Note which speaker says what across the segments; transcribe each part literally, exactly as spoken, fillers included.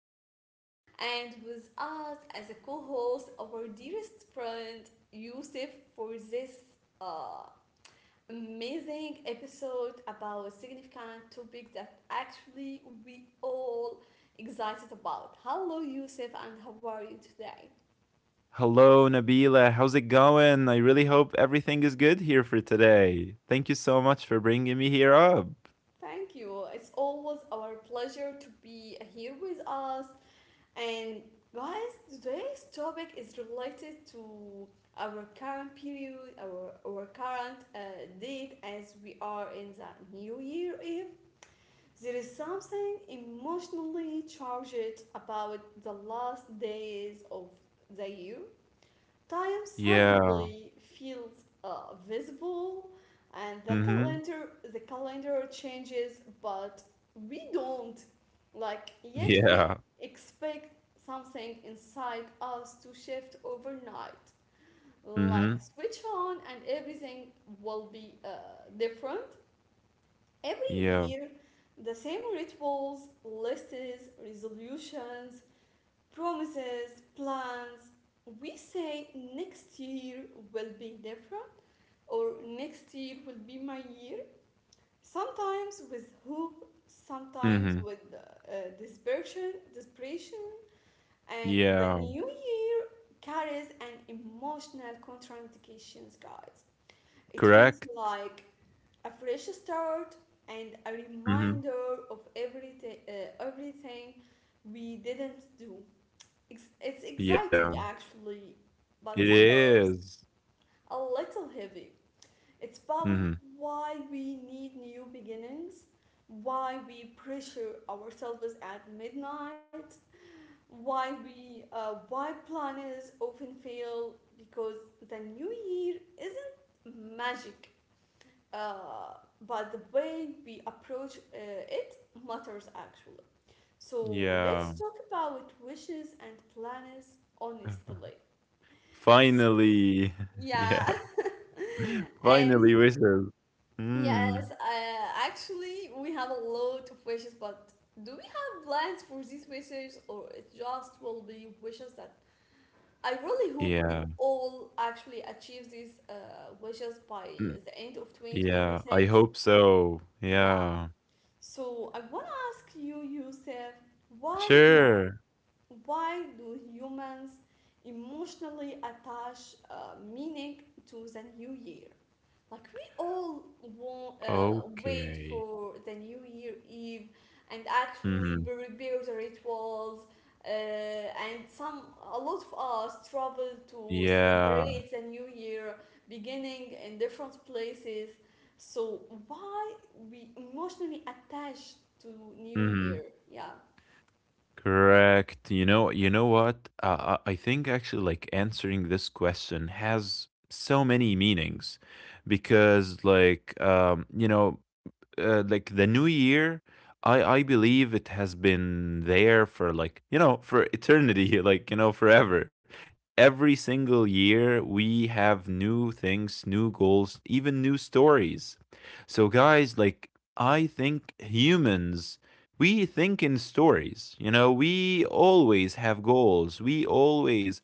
Speaker 1: Nabila, and with us as a co host, our dearest friend, Yusuf, for this uh, amazing episode about a significant topic that actually we all excited about. Hello, Yusuf, and how are you today?
Speaker 2: Hello, Nabila. How's it going? I really hope everything is good here for today. Thank you so much for bringing me here up.
Speaker 1: Thank you. It's always our pleasure to be here with us. And guys, today's topic is related to our current period, our, our current uh, date as we are in the New Year Eve. There is something emotionally charged about the last days of the year. Time
Speaker 2: Yeah.
Speaker 1: suddenly feels uh, visible, and the
Speaker 2: Mm-hmm.
Speaker 1: calendar the calendar changes, but we don't. Like yet, we
Speaker 2: Yeah.
Speaker 1: expect something inside us to shift overnight.
Speaker 2: Mm-hmm.
Speaker 1: Like switch on, and everything will be uh, different every
Speaker 2: Yeah.
Speaker 1: year. The same rituals, lists, resolutions, promises, plans. We say next year will be different or next year will be my year. Sometimes with hope, sometimes
Speaker 2: Mm-hmm.
Speaker 1: with uh, desperation, desperation, and the
Speaker 2: Yeah.
Speaker 1: new year carries an emotional contradictions, guys. It feels
Speaker 2: Correct.
Speaker 1: like a fresh start and a
Speaker 2: Mm-hmm.
Speaker 1: reminder of everything, uh, everything we didn't do. Ex- It's exciting
Speaker 2: Yeah.
Speaker 1: actually, but
Speaker 2: It
Speaker 1: some
Speaker 2: is.
Speaker 1: a little heavy. It's about
Speaker 2: Mm-hmm.
Speaker 1: why we need new beginnings, why we pressure ourselves at midnight, why we uh, why planners often fail because the new year isn't magic, uh, but the way we approach uh, it matters actually. So let's
Speaker 2: Yeah.
Speaker 1: talk about wishes and planners honestly. So,
Speaker 2: Finally.
Speaker 1: yeah.
Speaker 2: Yeah.
Speaker 1: And
Speaker 2: Finally wishes. Mm.
Speaker 1: yes, uh, actually, we have a lot of wishes, but do we have plans for these wishes, or it just will be wishes that I really hope
Speaker 2: Yeah.
Speaker 1: we all actually achieve these uh, wishes by
Speaker 2: Mm.
Speaker 1: the end of
Speaker 2: Yeah. I
Speaker 1: twenty twenty-six?
Speaker 2: hope so.
Speaker 1: Yeah.
Speaker 2: Yeah.
Speaker 1: So I want to ask you, Yusuf, why do
Speaker 2: Sure.
Speaker 1: why do humans emotionally attach uh, meaning to the new year? Like we all want, uh, wait
Speaker 2: Okay.
Speaker 1: for the New Year Eve and actually
Speaker 2: Mhm.
Speaker 1: pre- prepare the rituals. Uh, and some a lot of us travel to
Speaker 2: Yeah.
Speaker 1: celebrate the new year beginning in different places. So why we emotionally attached to New Year?
Speaker 2: Mhm.
Speaker 1: Yeah,
Speaker 2: Correct. You know you know what? Uh, I I think actually like answering this question has so many meanings because like um you know uh, like the new year i i believe it has been there for like, you know, for eternity like, you know, forever. Every single year we have new things, new goals, even new stories. So guys, like, I think humans, we think in stories. You know, we always have goals, we always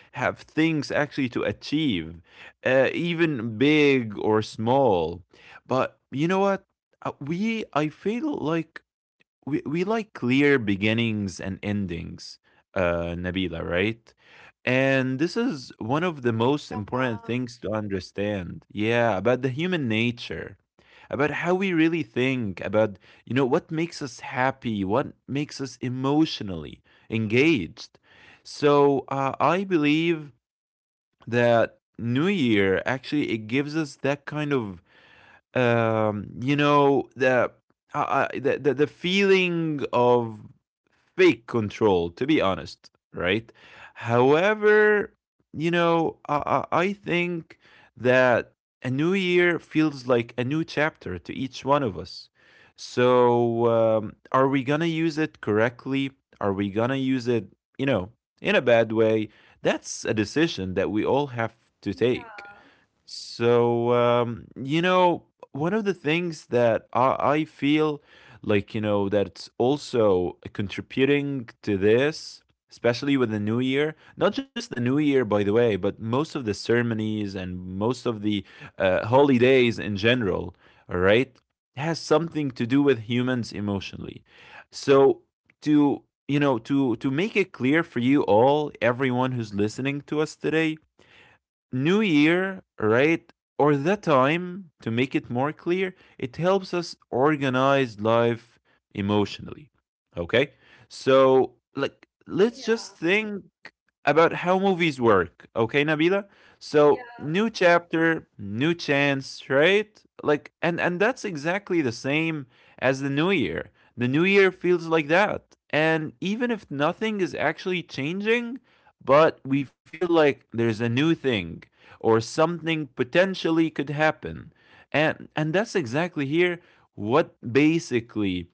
Speaker 2: have things actually to achieve, uh, even big or small. But you know what? Uh, We, I feel like we we like clear beginnings and endings, uh, Nabila, right? And this is one of the most
Speaker 1: yeah,
Speaker 2: important things to understand. Yeah, about the human nature, about how we really think, about, you know, what makes us happy, what makes us emotionally engaged. So uh, I believe that New Year actually it gives us that kind of um, you know, the, uh, the the the feeling of fake control, to be honest, right? However, you know, i i I think that a new year feels like a new chapter to each one of us. So um, are we gonna use it correctly, are we gonna use it, you know, in a bad way? That's a decision that we all have to
Speaker 1: yeah,
Speaker 2: take. So, um, you know, one of the things that I, I feel like, you know, that's also contributing to this, especially with the new year, not just the new year, by the way, but most of the ceremonies and most of the uh, holidays in general, all right, has something to do with humans emotionally. So, to, you know, to to make it clear for you all, everyone who's listening to us today, New Year, right? Or the time, to make it more clear, it helps us organize life emotionally. Okay? So, like, let's just
Speaker 1: yeah,
Speaker 2: think about how movies work. Okay, Nabila? So
Speaker 1: yeah,
Speaker 2: new chapter, new chance, right? Like, and and that's exactly the same as the new year. The new year feels like that. And even if nothing is actually changing, but we feel like there's a new thing or something potentially could happen. And and that's exactly here what basically,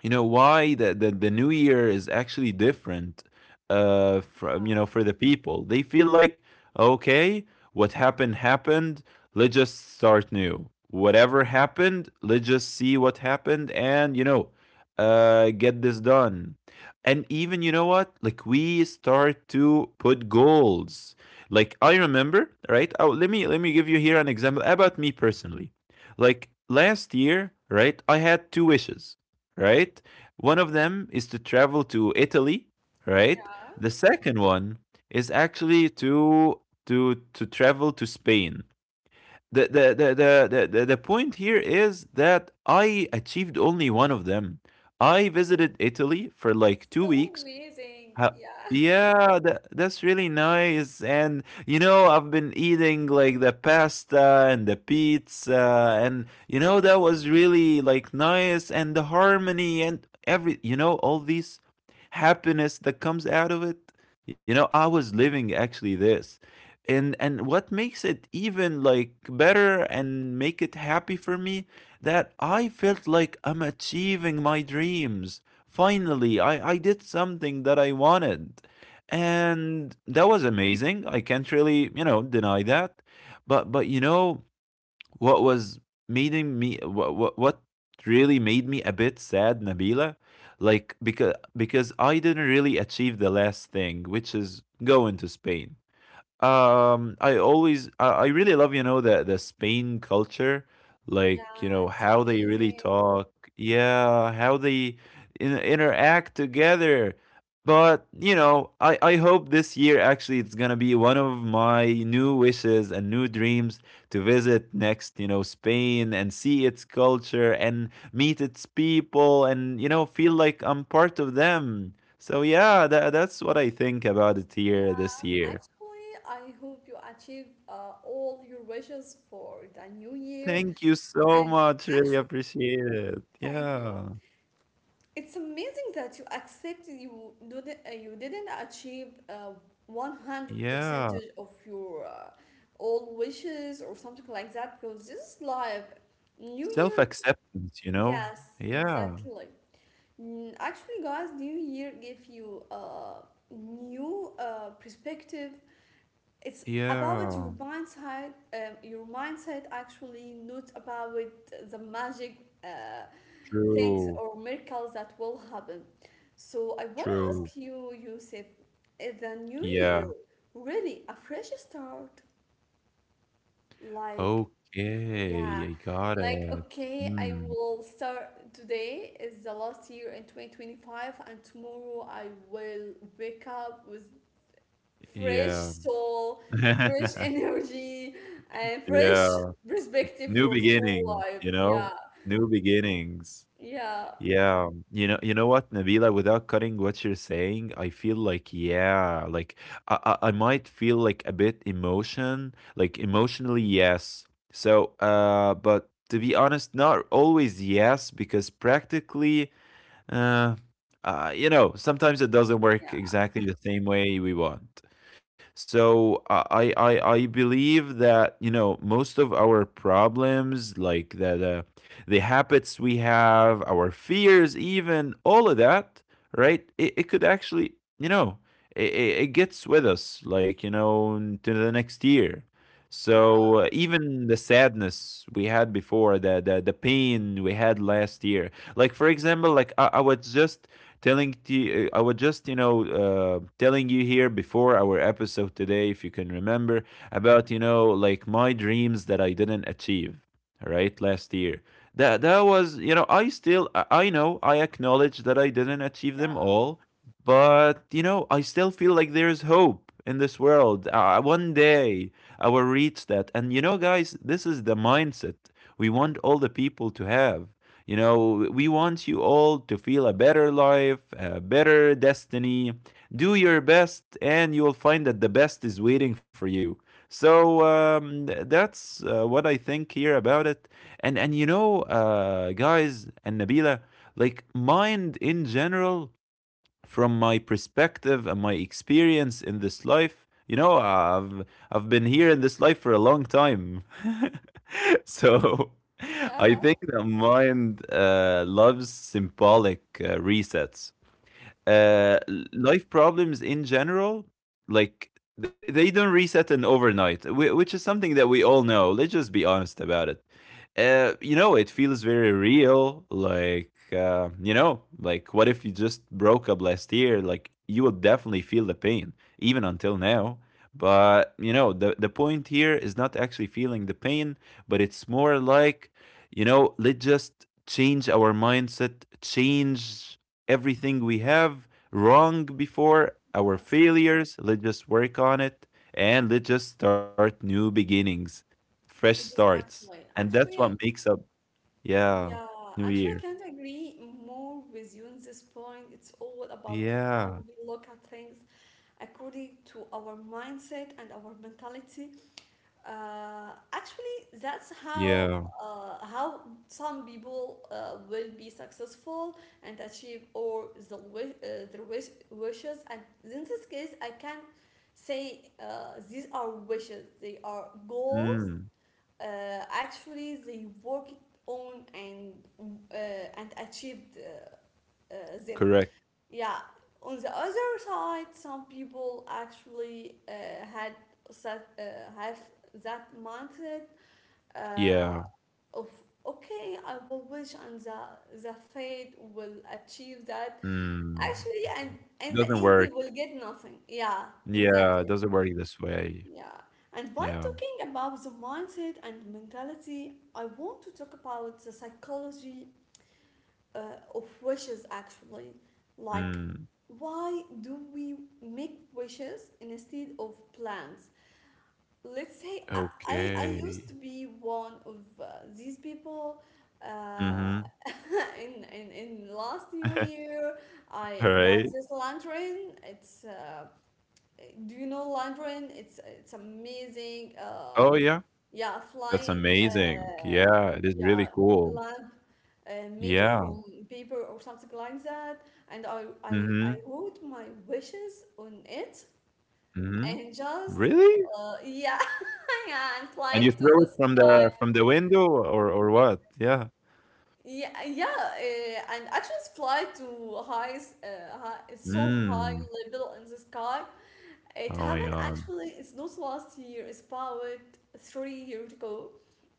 Speaker 2: you know, why the, the, the new year is actually different uh from, you know,
Speaker 1: yeah,
Speaker 2: for the people. They feel like okay, what happened happened. Let's just start new. Whatever happened, let's just see what happened, and, you know, uh get this done. And even, you know what, like we start to put goals. Like I remember, right? Oh, let me let me give you here an example about me personally. Like last year, right, I had two wishes, right? One of them is to travel to Italy, right?
Speaker 1: yeah.
Speaker 2: The second one is actually to to to travel to Spain. The the the the the, the, point here is that I achieved only one of them. I visited Italy for like two
Speaker 1: So
Speaker 2: weeks
Speaker 1: amazing.
Speaker 2: Ho
Speaker 1: Yeah,
Speaker 2: yeah, that that's really nice, and, you know, I've been eating, like, the pasta and the pizza, and, you know, that was really, like, nice, and the harmony and every, you know, all these happiness that comes out of it. You know, I was living actually this, and and what makes it even, like, better and make it happy for me, that I felt like I'm achieving my dreams. Finally, I, I did something that I wanted. And that was amazing. I can't really, you know, deny that. But but you know what was making me, what what, what really made me a bit sad, Nabila? Like, because because I didn't really achieve the last thing, which is going to Spain. Um, I always, I, I really love, you know, the the Spain culture, like, you
Speaker 1: yeah.
Speaker 2: know,
Speaker 1: It's
Speaker 2: how they really
Speaker 1: amazing.
Speaker 2: talk, yeah, how they in, interact together. But, you know, I, I hope this year actually it's gonna be one of my new wishes and new dreams to visit next, you know, Spain and see its culture and meet its people, and, you know, feel like I'm part of them. So yeah, that, that's what I think about it here this
Speaker 1: Yeah,
Speaker 2: year.
Speaker 1: actually, I hope you achieve uh, all your wishes for the new year.
Speaker 2: Thank you so
Speaker 1: And
Speaker 2: much. Really
Speaker 1: actually,
Speaker 2: appreciate it.
Speaker 1: thank you.
Speaker 2: Yeah.
Speaker 1: It's amazing that you accepted you didn't uh, you didn't achieve uh, one hundred
Speaker 2: Yeah.
Speaker 1: percentage of your uh, all wishes or something like that because this is life. New
Speaker 2: Self
Speaker 1: year,
Speaker 2: acceptance, you know?
Speaker 1: yes,
Speaker 2: Yeah.
Speaker 1: exactly. Mm, actually, guys, New Year give you a new uh, perspective. It's about
Speaker 2: Yeah.
Speaker 1: your mindset, um, your mindset actually, not about the magic uh, things
Speaker 2: True.
Speaker 1: or miracles that will happen. So I want to
Speaker 2: True.
Speaker 1: ask you, Yusuf, is the new
Speaker 2: Yeah.
Speaker 1: year really a fresh start? Like,
Speaker 2: Okay.
Speaker 1: yeah,
Speaker 2: I got
Speaker 1: like
Speaker 2: it.
Speaker 1: okay, I
Speaker 2: Hmm.
Speaker 1: will start today is the last year in twenty twenty-five and tomorrow I will wake up with fresh
Speaker 2: Yeah.
Speaker 1: soul, fresh energy, and fresh
Speaker 2: yeah.
Speaker 1: perspective
Speaker 2: New
Speaker 1: for the whole
Speaker 2: beginnings,
Speaker 1: life.
Speaker 2: you
Speaker 1: Yeah,
Speaker 2: know? New beginnings.
Speaker 1: yeah,
Speaker 2: Yeah, you know, you know what, Nabila, without cutting what you're saying, I feel like yeah, like I, I, I might feel like a bit emotion, like emotionally yes. So, uh, but to be honest, not always yes, because practically, uh, uh, you know, sometimes it doesn't
Speaker 1: yeah,
Speaker 2: work exactly the same way we want. So I I I believe that, you know, most of our problems, like the the, the habits we have, our fears, even all of that, right? It, it could actually, you know, it, it it gets with us, like, you know, to the next year.
Speaker 1: yeah,
Speaker 2: So uh, even the sadness we had before, the, the the pain we had last year, like for example, like I, I was just telling you, I was just, you know, uh, telling you here before our episode today, if you can remember, about, you know, like my dreams that I didn't achieve, right, last year. That, that was, you know, I still, I know, I acknowledge that I didn't achieve them
Speaker 1: yeah,
Speaker 2: all, but, you know, I still feel like there's hope in this world. Uh, one day I will reach that. And, you know, guys, this is the mindset we want all the people to have. You know, we want you all to feel a better life, a better destiny. Do your best, and you'll find that the best is waiting for you. So um, that's uh, what I think here about it. And and you know, uh, guys and Nabila, like mind in general from my perspective and my experience in this life. You know, I've I've been here in this life for a long time. so I
Speaker 1: yeah,
Speaker 2: think that mind uh, loves symbolic uh, resets,
Speaker 1: yeah.
Speaker 2: uh, life problems in general, like th- they don't reset in overnight, whi- which is something that we all know. Let's just be honest about it. Uh, you know, it feels very real. Like, uh, you know, like what if you just broke up last year? Like, you will definitely feel the pain, even until now. But, you know, the, the point here is not actually feeling the pain, but it's more like, you know, let's just change our mindset, change everything we have wrong before, our
Speaker 1: Yes,
Speaker 2: failures. Let's just work on it, and let's just start new beginnings, fresh starts.
Speaker 1: exactly.
Speaker 2: And that's
Speaker 1: Actually,
Speaker 2: what
Speaker 1: I
Speaker 2: makes up, yeah,
Speaker 1: yeah,
Speaker 2: New
Speaker 1: actually, I
Speaker 2: Year.
Speaker 1: can't agree more with you on this point. It's all about how
Speaker 2: Yeah,
Speaker 1: we look at things according to our mindset and our mentality. Uh, actually, that's how
Speaker 2: yeah.
Speaker 1: uh, how some people uh, will be successful and achieve or the wish, uh, their wish, wishes. And in this case, I can say uh, these are wishes. They are goals.
Speaker 2: Mm,
Speaker 1: Uh, Actually, they worked on and uh, and achieved uh, uh, them.
Speaker 2: correct.
Speaker 1: Yeah. On the other side, some people actually uh, had that, uh, have that mindset uh,
Speaker 2: Yeah.
Speaker 1: of okay, I will wish and the the fate will achieve that.
Speaker 2: Mm.
Speaker 1: Actually, and in the
Speaker 2: Doesn't
Speaker 1: end, they
Speaker 2: work.
Speaker 1: will get nothing. Yeah,
Speaker 2: Yeah, it
Speaker 1: exactly.
Speaker 2: doesn't work this way.
Speaker 1: Yeah. And by
Speaker 2: Yeah.
Speaker 1: talking about the mindset and mentality, I want to talk about the psychology uh, of wishes actually. Like,
Speaker 2: Mm.
Speaker 1: why do we make wishes instead of plans? Let's say i i, I
Speaker 2: Okay.
Speaker 1: used to be one of uh, these people uh,
Speaker 2: Mm-hmm.
Speaker 1: in, in in last new year I
Speaker 2: All
Speaker 1: got
Speaker 2: right.
Speaker 1: this lantern. It's uh, do you know Mandarin? It's it's
Speaker 2: Oh, yeah.
Speaker 1: amazing. Uh,
Speaker 2: That's
Speaker 1: yeah,
Speaker 2: amazing.
Speaker 1: flying.
Speaker 2: Yeah, it is really
Speaker 1: Uh,
Speaker 2: cool.
Speaker 1: yeah, lamp uh,
Speaker 2: Yeah.
Speaker 1: made from paper or something like that. And I
Speaker 2: Mhm.
Speaker 1: I I wrote my wishes on it
Speaker 2: Mhm.
Speaker 1: and
Speaker 2: Really?
Speaker 1: just uh, yeah yeah
Speaker 2: And
Speaker 1: and
Speaker 2: you
Speaker 1: fly
Speaker 2: throw
Speaker 1: to
Speaker 2: it from
Speaker 1: the
Speaker 2: the
Speaker 1: sky.
Speaker 2: from the window or or what? Yeah.
Speaker 1: Yeah, yeah, uh, and actually fly to high, s- uh, high, so high
Speaker 2: Mm.
Speaker 1: level in the sky.
Speaker 2: Oh
Speaker 1: It
Speaker 2: my
Speaker 1: happened
Speaker 2: god.
Speaker 1: actually, it's not last year, it's about three years ago.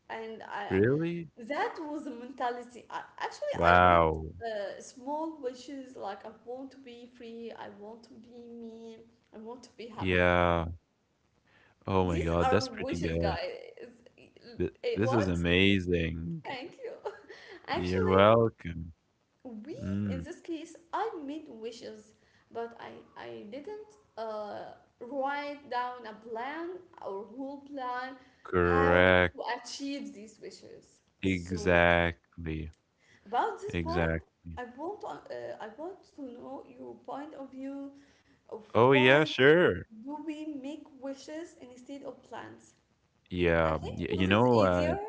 Speaker 1: And I,
Speaker 2: Really?
Speaker 1: that was the mentality. I, actually, I wrote
Speaker 2: Wow.
Speaker 1: uh, small wishes like I want to be free, I want to be me, I want to be happy.
Speaker 2: Yeah. Oh my
Speaker 1: These
Speaker 2: god, that's
Speaker 1: are
Speaker 2: pretty
Speaker 1: wishes,
Speaker 2: good.
Speaker 1: guys.
Speaker 2: Th-
Speaker 1: Eh,
Speaker 2: this is
Speaker 1: What?
Speaker 2: amazing.
Speaker 1: Thank you.
Speaker 2: You're
Speaker 1: Actually,
Speaker 2: welcome.
Speaker 1: we in
Speaker 2: Mm.
Speaker 1: this case I made wishes but i i didn't uh, write down a plan or whole plan how to
Speaker 2: Correct.
Speaker 1: achieve these wishes. So
Speaker 2: Exactly.
Speaker 1: about this point
Speaker 2: Exactly.
Speaker 1: i want to, uh, I want to know your point of view of
Speaker 2: Oh yeah,
Speaker 1: why
Speaker 2: sure.
Speaker 1: do we make wishes instead of plans. I
Speaker 2: Yeah,
Speaker 1: think
Speaker 2: y- you
Speaker 1: because it's
Speaker 2: know, uh,
Speaker 1: easier.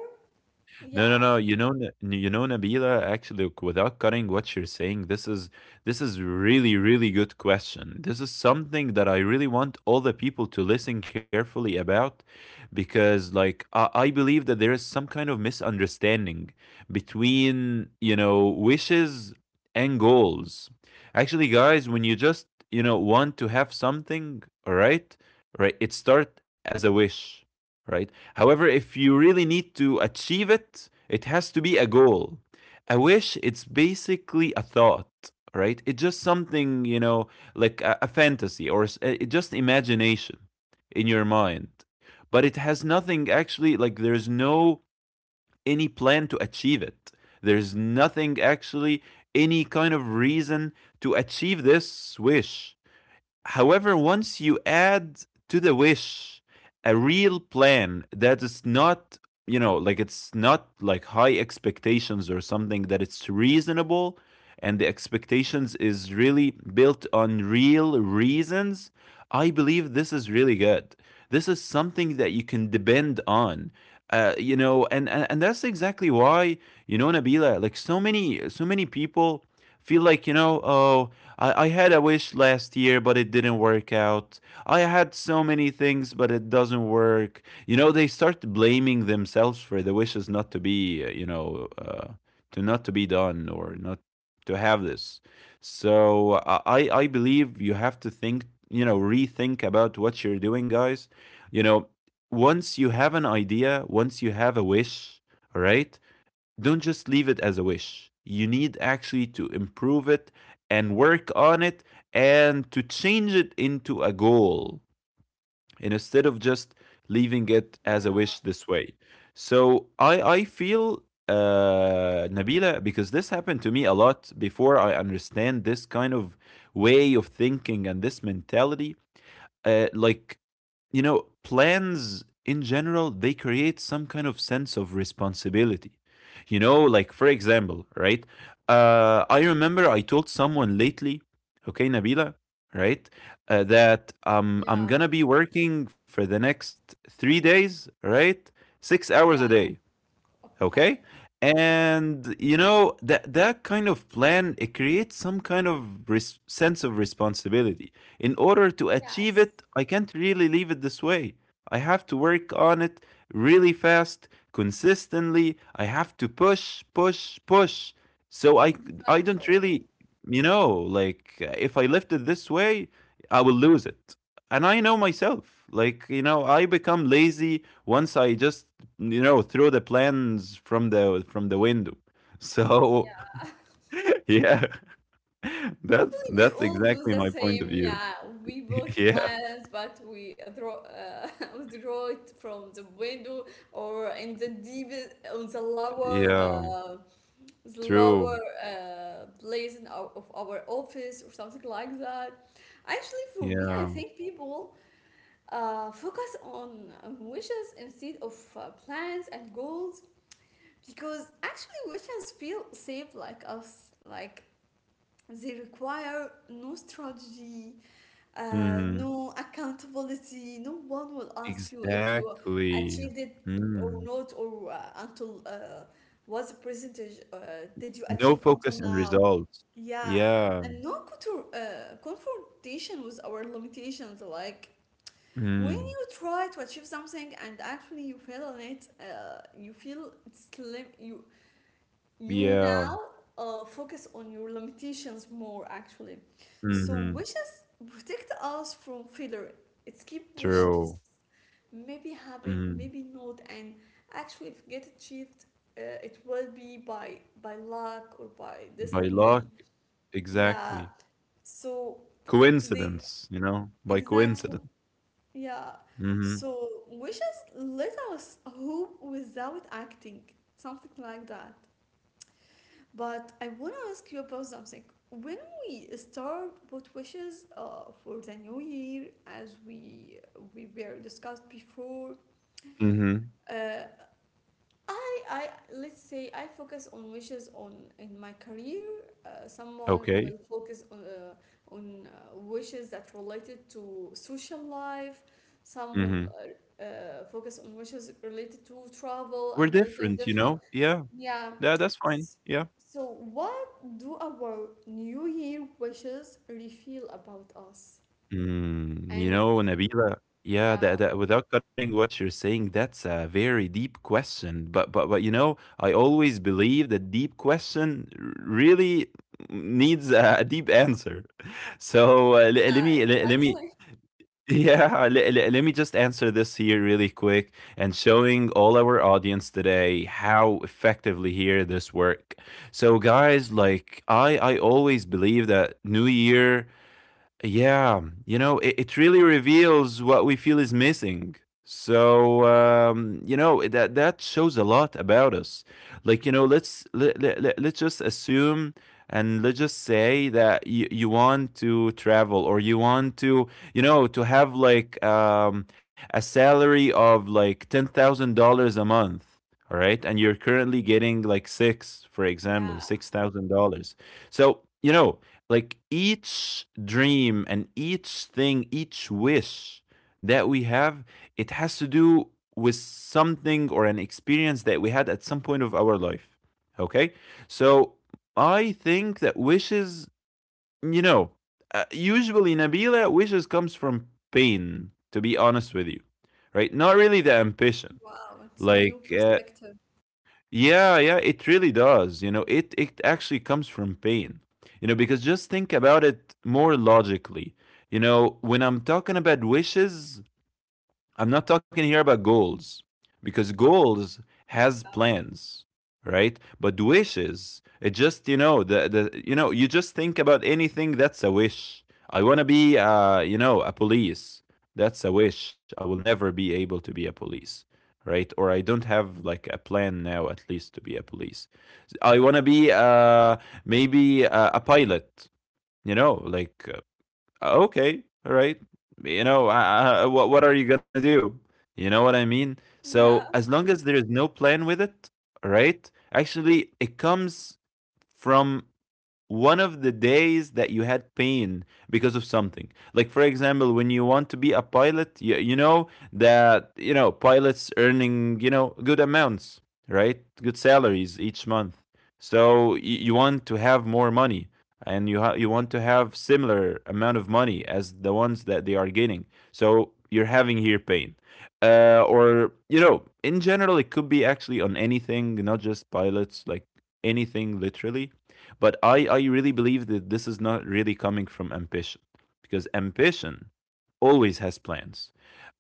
Speaker 2: No, no,
Speaker 1: Yeah,
Speaker 2: no. You know, N- you know, Nabila. Actually, look, without cutting what you're saying, this is this is really, really good question. This is something that I really want all the people to listen carefully about, because, like, I, I believe that there is some kind of misunderstanding between, you know, wishes and goals. Actually, guys, when you just, you know, want to have something, all right, right, it start as a wish, right? However, if you really need to achieve it, it has to be a goal. A wish, it's basically a thought, right? It's just something, you know, like a, a fantasy or s- uh, just imagination in your mind. But it has nothing actually, like, there's no any plan to achieve it. There's nothing actually, any kind of reason to achieve this wish. However, once you add to the wish a real plan that is not, you know, like it's not like high expectations or something, that it's reasonable and the expectations is really built on real reasons, I believe this is really good. This is something that you can depend on. Uh, you know, and, and and that's exactly why you know Nabila, like so many so many people feel like you know oh, I, I had a wish last year, but it didn't work out. I had so many things, but it doesn't work. You know they start blaming themselves for the wishes not to be uh, you know uh, to not to be done or not to have this. So i i I believe you have to think you know rethink about what you're doing, guys. you know Once you have an idea, once you have a wish, all right, don't just leave it as a wish. You need actually to improve it and work on it and to change it into a goal, and instead of just leaving it as a
Speaker 1: yeah,
Speaker 2: wish this way. So I I feel, uh Nabila, because this happened to me a lot before I understand this kind of way of thinking and this mentality. Uh, like, you know, plans in general, they create some kind of sense of responsibility. You know, like for example, right? Uh, I remember I told someone lately, okay, Nabila, right, uh, that um, I'm
Speaker 1: yeah,
Speaker 2: gonna be working for the next three days, right? Six hours a
Speaker 1: yeah.
Speaker 2: day. Okay.
Speaker 1: Okay.
Speaker 2: And you know that that kind of plan, it creates some kind of res- sense of responsibility. In order to achieve
Speaker 1: Yes,
Speaker 2: it, I can't really leave it this way. I have to work on it really fast, consistently. I have to push, push, push. So I I don't
Speaker 1: exactly.
Speaker 2: really, you know, like, if I left it this way, I will lose it. And I know myself. Like, you know, I become lazy once I just you know threw the plans from the from the window. So yeah, that's
Speaker 1: Actually, we
Speaker 2: that's
Speaker 1: all do
Speaker 2: exactly
Speaker 1: the
Speaker 2: my point of
Speaker 1: same.
Speaker 2: view.
Speaker 1: Yeah, we bought
Speaker 2: Yeah,
Speaker 1: plants, but we uh, throw, uh, withdraw it from the window or in the deep, on the lower,
Speaker 2: yeah,
Speaker 1: uh, the lower
Speaker 2: true.
Speaker 1: uh, place in our, of our office or something like that. Actually, for me, I
Speaker 2: Yeah,
Speaker 1: think people uh, focus on wishes instead of uh, plans and goals because actually wishes feel safe like us, like they require no strategy, uh,
Speaker 2: hmm,
Speaker 1: no accountability. No one will ask you if you
Speaker 2: exactly.
Speaker 1: achieved it
Speaker 2: Mm.
Speaker 1: or not, or uh, until uh, what's the percentage uh, did you
Speaker 2: No
Speaker 1: achieve until
Speaker 2: focus and
Speaker 1: now.
Speaker 2: results.
Speaker 1: Yeah,
Speaker 2: Yeah,
Speaker 1: and no contr- uh, confrontation with our limitations. Like when
Speaker 2: mm.
Speaker 1: you try to achieve something and actually you fail on it, uh, you feel it's lim- you you
Speaker 2: Yeah,
Speaker 1: now uh, focus on your limitations more actually. So
Speaker 2: hmm,
Speaker 1: wishes protect us from failure. It's keep
Speaker 2: true.
Speaker 1: wishes maybe happen
Speaker 2: Mm.
Speaker 1: maybe not. And actually if get achieved uh, it will be by by luck or by
Speaker 2: By
Speaker 1: destiny.
Speaker 2: luck,
Speaker 1: Yeah,
Speaker 2: exactly.
Speaker 1: so they
Speaker 2: Coincidence, you know, by
Speaker 1: exactly.
Speaker 2: coincidence.
Speaker 1: Yeah,
Speaker 2: Hmm,
Speaker 1: so wishes let us hope without acting, something like that. But I want to ask you about something. When we start with wishes uh, for the new year, as we we were discussed before,
Speaker 2: hmm.
Speaker 1: uh, I, I let's say I focus on wishes on in my career. Uh, someone will
Speaker 2: Okay.
Speaker 1: focus on uh, on uh, wishes that related to social life. Some will
Speaker 2: Mhm.
Speaker 1: uh, uh, focus on wishes related to travel
Speaker 2: We're
Speaker 1: and visiting
Speaker 2: different, you
Speaker 1: different.
Speaker 2: know? Yeah.
Speaker 1: Yeah.
Speaker 2: Tha that's fine.
Speaker 1: S-
Speaker 2: Yeah.
Speaker 1: So what do our New Year wishes reveal about us?
Speaker 2: Mm, you
Speaker 1: And
Speaker 2: know, Nabila, yeah, that
Speaker 1: yeah,
Speaker 2: that without cutting what you're saying, that's a very deep question. But but but, you know, I always believe that deep question r really needs a a deep answer. So, uh, le
Speaker 1: yeah,
Speaker 2: let me le let me
Speaker 1: exactly.
Speaker 2: yeah, let le- let me just answer this here really quick and showing all our audience today how effectively here this work. So guys, like I I always believe that New Year, yeah, you know, it, it really reveals what we feel is missing. So, um, you know that that shows a lot about us. Like, you know, let's let, let, let- let's just assume, and let's just say that you, you want to travel or you want to, you know to have, like, um, a salary of like ten thousand dollars a month a month. All right, and you're currently getting like six, for example,
Speaker 1: Yeah.
Speaker 2: six thousand dollars. So, you know like, each dream and each thing, each wish that we have, it has to do with something or an experience that we had at some point of our life. Okay? So I think that wishes, you know, uh, usually, Nabila, wishes comes from pain, to be honest with you, right? Not really the ambition.
Speaker 1: Wow, it's a new
Speaker 2: Like, uh,
Speaker 1: perspective.
Speaker 2: yeah, yeah, it really does. You know, it it actually comes from pain. You know, because just think about it more logically. You know, when I'm talking about wishes, I'm not talking here about goals, because goals has
Speaker 1: Yeah.
Speaker 2: plans, right? But wishes, it just, you know the the you know you just think about anything that's a wish. I want to be, uh you know a police. That's a wish. I will never be able to be a police, right? Or I don't have like a plan now, at least, to be a police. I want to be, uh maybe a, a pilot. You know, like, oh, okay, all right. You know, I, I, what what are you gonna do? You know what I mean? So
Speaker 1: Yeah.
Speaker 2: as long as there is no plan with it, all right. Actually, it comes from one of the days that you had pain because of something, like, for example, when you want to be a pilot, you, you know that you know pilots earning, you know good amounts, right? Good salaries each month. So you, you want to have more money, and you ha- you want to have similar amount of money as the ones that they are getting. So you're having here pain, uh, or, you know in general, it could be actually on anything, not just pilots, like anything literally. But I, I really believe that this is not really coming from ambition, because ambition always has plans.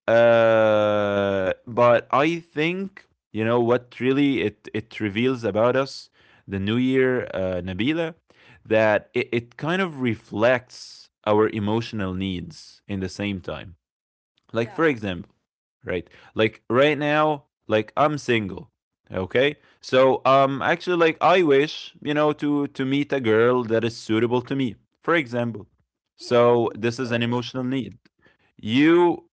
Speaker 2: Uh, but I think, you know, what really it, it reveals about us, the new year, uh, Nabila, that it, it kind of reflects our emotional needs in the same time, like
Speaker 1: Yeah,
Speaker 2: for example, right, like right now, like I'm single. Okay, so um actually, like, I wish, you know to to meet a girl that is suitable to me, for example.
Speaker 1: we all
Speaker 2: So
Speaker 1: hope
Speaker 2: this is an
Speaker 1: so.
Speaker 2: emotional need. you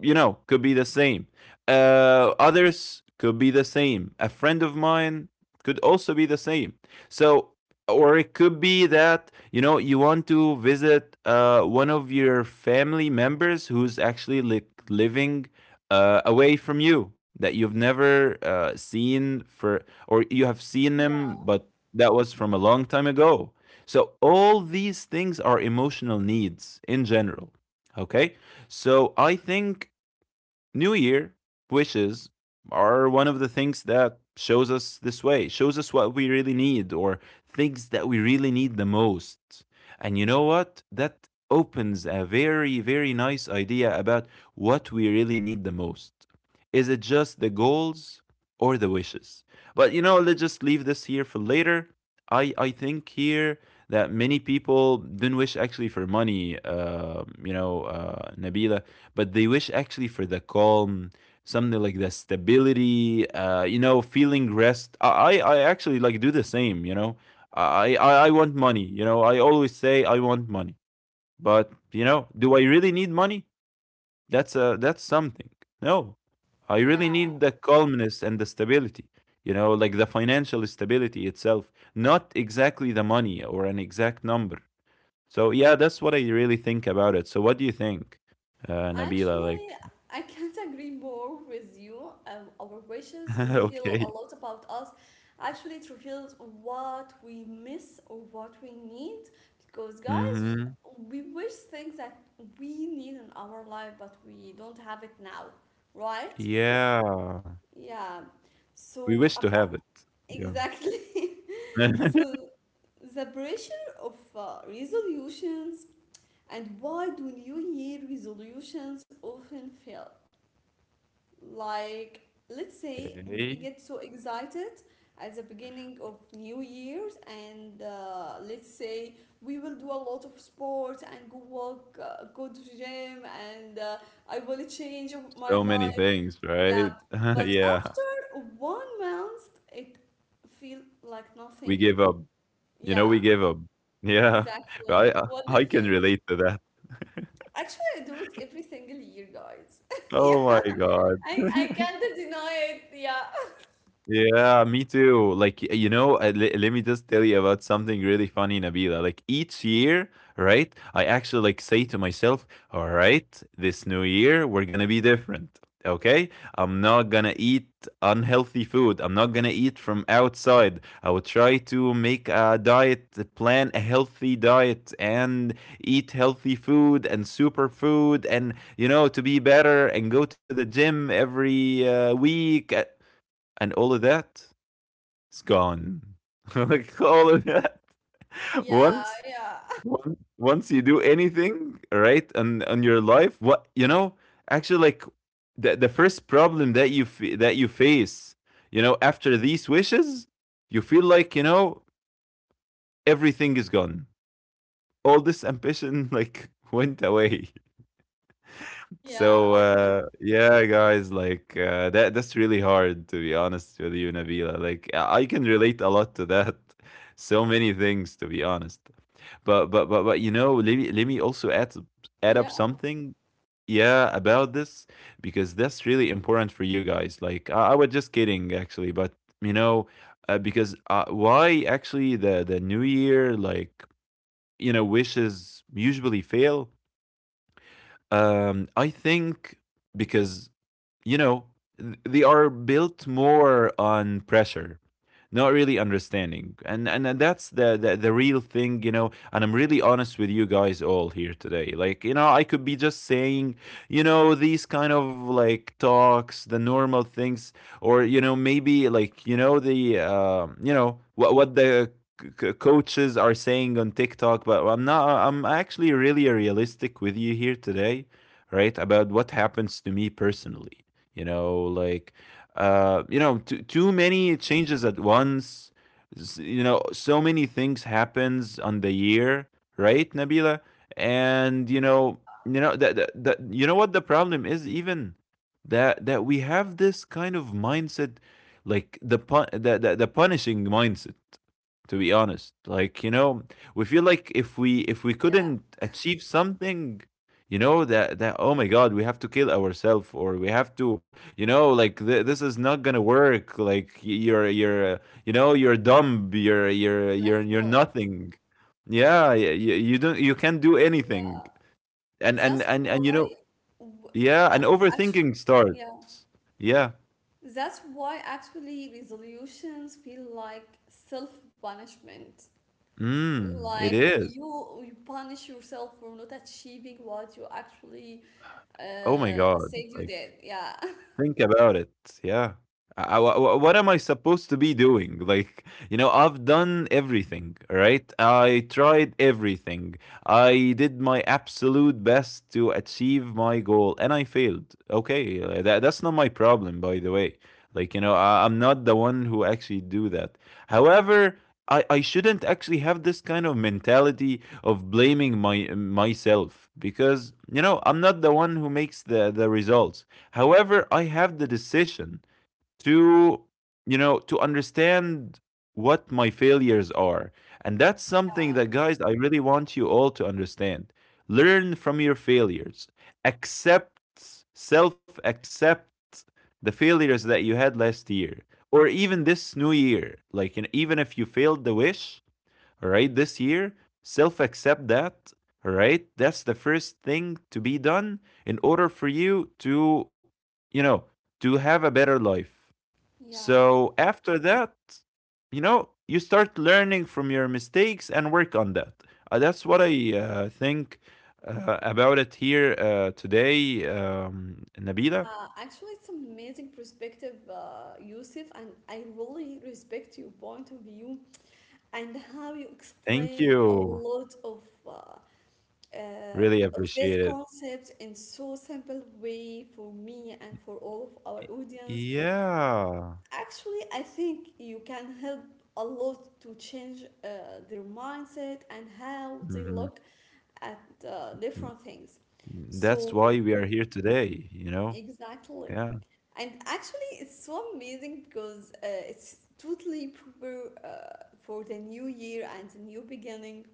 Speaker 2: you know, could be the same. Uh, others could be the same. A friend of mine could also be the same. So, or it could be that, you know, you want to visit, uh, one of your family members who's actually like living, uh, away from you, that you've never, uh, seen for, or you have seen
Speaker 1: Yeah,
Speaker 2: them, but that was from a long time ago. So, all these things are emotional needs in general. Okay. So I think New Year wishes are one of the things that shows us this way, shows us what we really need, or things that we really need the most. And you know what? That opens a very, very nice idea about what we really need the most. Is it just the goals or the wishes? But, you know, let's just leave this here for later. I, I think here that many people didn't wish actually for money, uh, you know, uh, Nabila, but they wish actually for the calm, something like the stability, uh you know feeling rest. I i I actually like do the same you know i i, I want money. you know I always say I want money. But you know do I really need money? That's a that's something. No, I really
Speaker 1: yeah.
Speaker 2: need the calmness and the stability, you know like the financial stability itself, not exactly the money or an exact number. So yeah, that's what I really think about it. So what do you think, uh Nabila,
Speaker 1: Actually,
Speaker 2: like?
Speaker 1: I can't agree more with you. Um, our wishes reveal
Speaker 2: Okay.
Speaker 1: a lot about us. Actually, it reveals what we miss or what we need. Because, guys,
Speaker 2: Mhm.
Speaker 1: we wish things that we need in our life, but we don't have it now, right?
Speaker 2: Yeah.
Speaker 1: Yeah.
Speaker 2: We
Speaker 1: So,
Speaker 2: wish to have
Speaker 1: about
Speaker 2: it. Yeah.
Speaker 1: exactly. So, the pressure of uh, resolutions. And why do New Year resolutions often fail? Like, let's say we
Speaker 2: Okay.
Speaker 1: get so excited at the beginning of New Year's, and uh, let's say we will do a lot of sports and go walk, uh, go to the gym, and uh, I will change my
Speaker 2: So many
Speaker 1: life.
Speaker 2: things, right?
Speaker 1: Yeah, but
Speaker 2: Yeah.
Speaker 1: after one month, it feel like
Speaker 2: We
Speaker 1: nothing.
Speaker 2: give up. You know,
Speaker 1: Yeah,
Speaker 2: we give up. Yeah.
Speaker 1: exactly.
Speaker 2: I I
Speaker 1: What do you
Speaker 2: I can
Speaker 1: think?
Speaker 2: relate to that.
Speaker 1: Actually, I do it every single year, guys.
Speaker 2: Oh my
Speaker 1: Yeah,
Speaker 2: god.
Speaker 1: I, I can't deny it. Yeah,
Speaker 2: Yeah, me too. Like, you know, uh, le- let me just tell you about something really funny, Nabila. Like each year, right? I actually like say to myself, all right, this new year we're gonna be different. Okay? I'm not gonna eat unhealthy food. I'm not gonna eat from outside. I will try to make a diet, plan a healthy diet and eat healthy food and superfood and, you know, to be better, and go to the gym every, uh, week. Uh, and all of that is gone. Like, all of that,
Speaker 1: yeah,
Speaker 2: once
Speaker 1: yeah,
Speaker 2: once once you do anything right on on your life, what, you know actually, like, the the first problem that you f- that you face, you know, after these wishes, you feel like, you know everything is gone. All this ambition like, went away.
Speaker 1: yeah,
Speaker 2: So, uh, yeah, guys, like, uh, that that's really hard, to be honest with you, Nabila. Like, I I can relate a lot to that. So many things, to be honest. But but but but you know, let me let me also add, s- add up
Speaker 1: yeah,
Speaker 2: something. Yeah, about this, because that's really important for you guys. Like, I, I was just kidding actually, but, you know, uh, because, uh, why actually the the New Year, like, you know wishes usually fail. Um, I think, because, you know, th- they are built more on pressure, not really understanding. And and and that's the, the the real thing, you know. And I'm really honest with you guys all here today. Like, you know, I could be just saying, you know, these kind of like talks, the normal things, or, you know, maybe like, you know the uh, you know what what the c- coaches are saying on TikTok, but I'm not. I'm actually really realistic with you here today, right? About what happens to me personally, you know, like, uh you know, too, too many changes at once. S- you know, so many things happens on the year, right, Nabila? And you know,
Speaker 1: yeah,
Speaker 2: you know that, that, that you know what the problem is, even that that we have this kind of mindset, like the pun- the, the, the punishing mindset, to be honest, like, you know, we feel like if we if we
Speaker 1: yeah,
Speaker 2: couldn't achieve something. You know that that oh my God, we have to kill ourselves, or we have to, you know, like, th- this is not gonna work. Like, y- you're you're uh, you know, you're dumb, you're you're you're you're
Speaker 1: exactly.
Speaker 2: nothing. Yeah, yeah, you, you don't, you can't do anything.
Speaker 1: Yeah, and
Speaker 2: and and
Speaker 1: that's
Speaker 2: and and you know,
Speaker 1: why, w-
Speaker 2: yeah, and
Speaker 1: a- actually,
Speaker 2: overthinking
Speaker 1: yeah,
Speaker 2: starts. Yeah.
Speaker 1: that's why actually resolutions feel like self-punishment.
Speaker 2: Mm, it
Speaker 1: Like
Speaker 2: is.
Speaker 1: you, you punish yourself for not achieving what you actually
Speaker 2: Oh my
Speaker 1: uh,
Speaker 2: God,
Speaker 1: said you
Speaker 2: like,
Speaker 1: did. Yeah.
Speaker 2: think about it. Yeah. I, I- wha- what am I supposed to be doing? Like, you know, I've done everything, right? I tried everything. I did my absolute best to achieve my goal and I failed. Okay. uh, That, that's not my problem, by the way. Like, you know, I, I'm not the one who actually do that. However, I, I shouldn't actually have this kind of mentality of blaming my myself, because you know I'm not the one who makes the the results. However, I have the decision to, you know, to understand what my failures are, and that's
Speaker 1: Yeah,
Speaker 2: something that, guys, I really want you all to understand. Learn from your failures. Accept, self accept the failures that you had last year or even this new year. Like, and even if you failed the wish, right? This year, self accept that, right? That's the first thing to be done in order for you to, you know, to have a better life.
Speaker 1: yeah,
Speaker 2: So after that, you know, you start learning from your mistakes and work on that. Uh, that's what I uh, think uh, about it here uh, today, um, Nabila.
Speaker 1: uh, actually, it's amazing perspective, uh, Yusuf, and I really respect your point of view and how you
Speaker 2: Thank
Speaker 1: explain a
Speaker 2: you.
Speaker 1: lot of uh, uh,
Speaker 2: Really
Speaker 1: of this
Speaker 2: appreciate it.
Speaker 1: concept in so simple way for me and for all of our audience.
Speaker 2: Yeah.
Speaker 1: Actually, I think you can help a lot to change uh, their mindset and how they
Speaker 2: Hmm.
Speaker 1: look at uh, different things.
Speaker 2: That's
Speaker 1: So,
Speaker 2: why we are here today, you know?
Speaker 1: exactly.
Speaker 2: Yeah.
Speaker 1: And actually, it's so amazing because uh, it's totally proper uh, for the new year and the new beginning.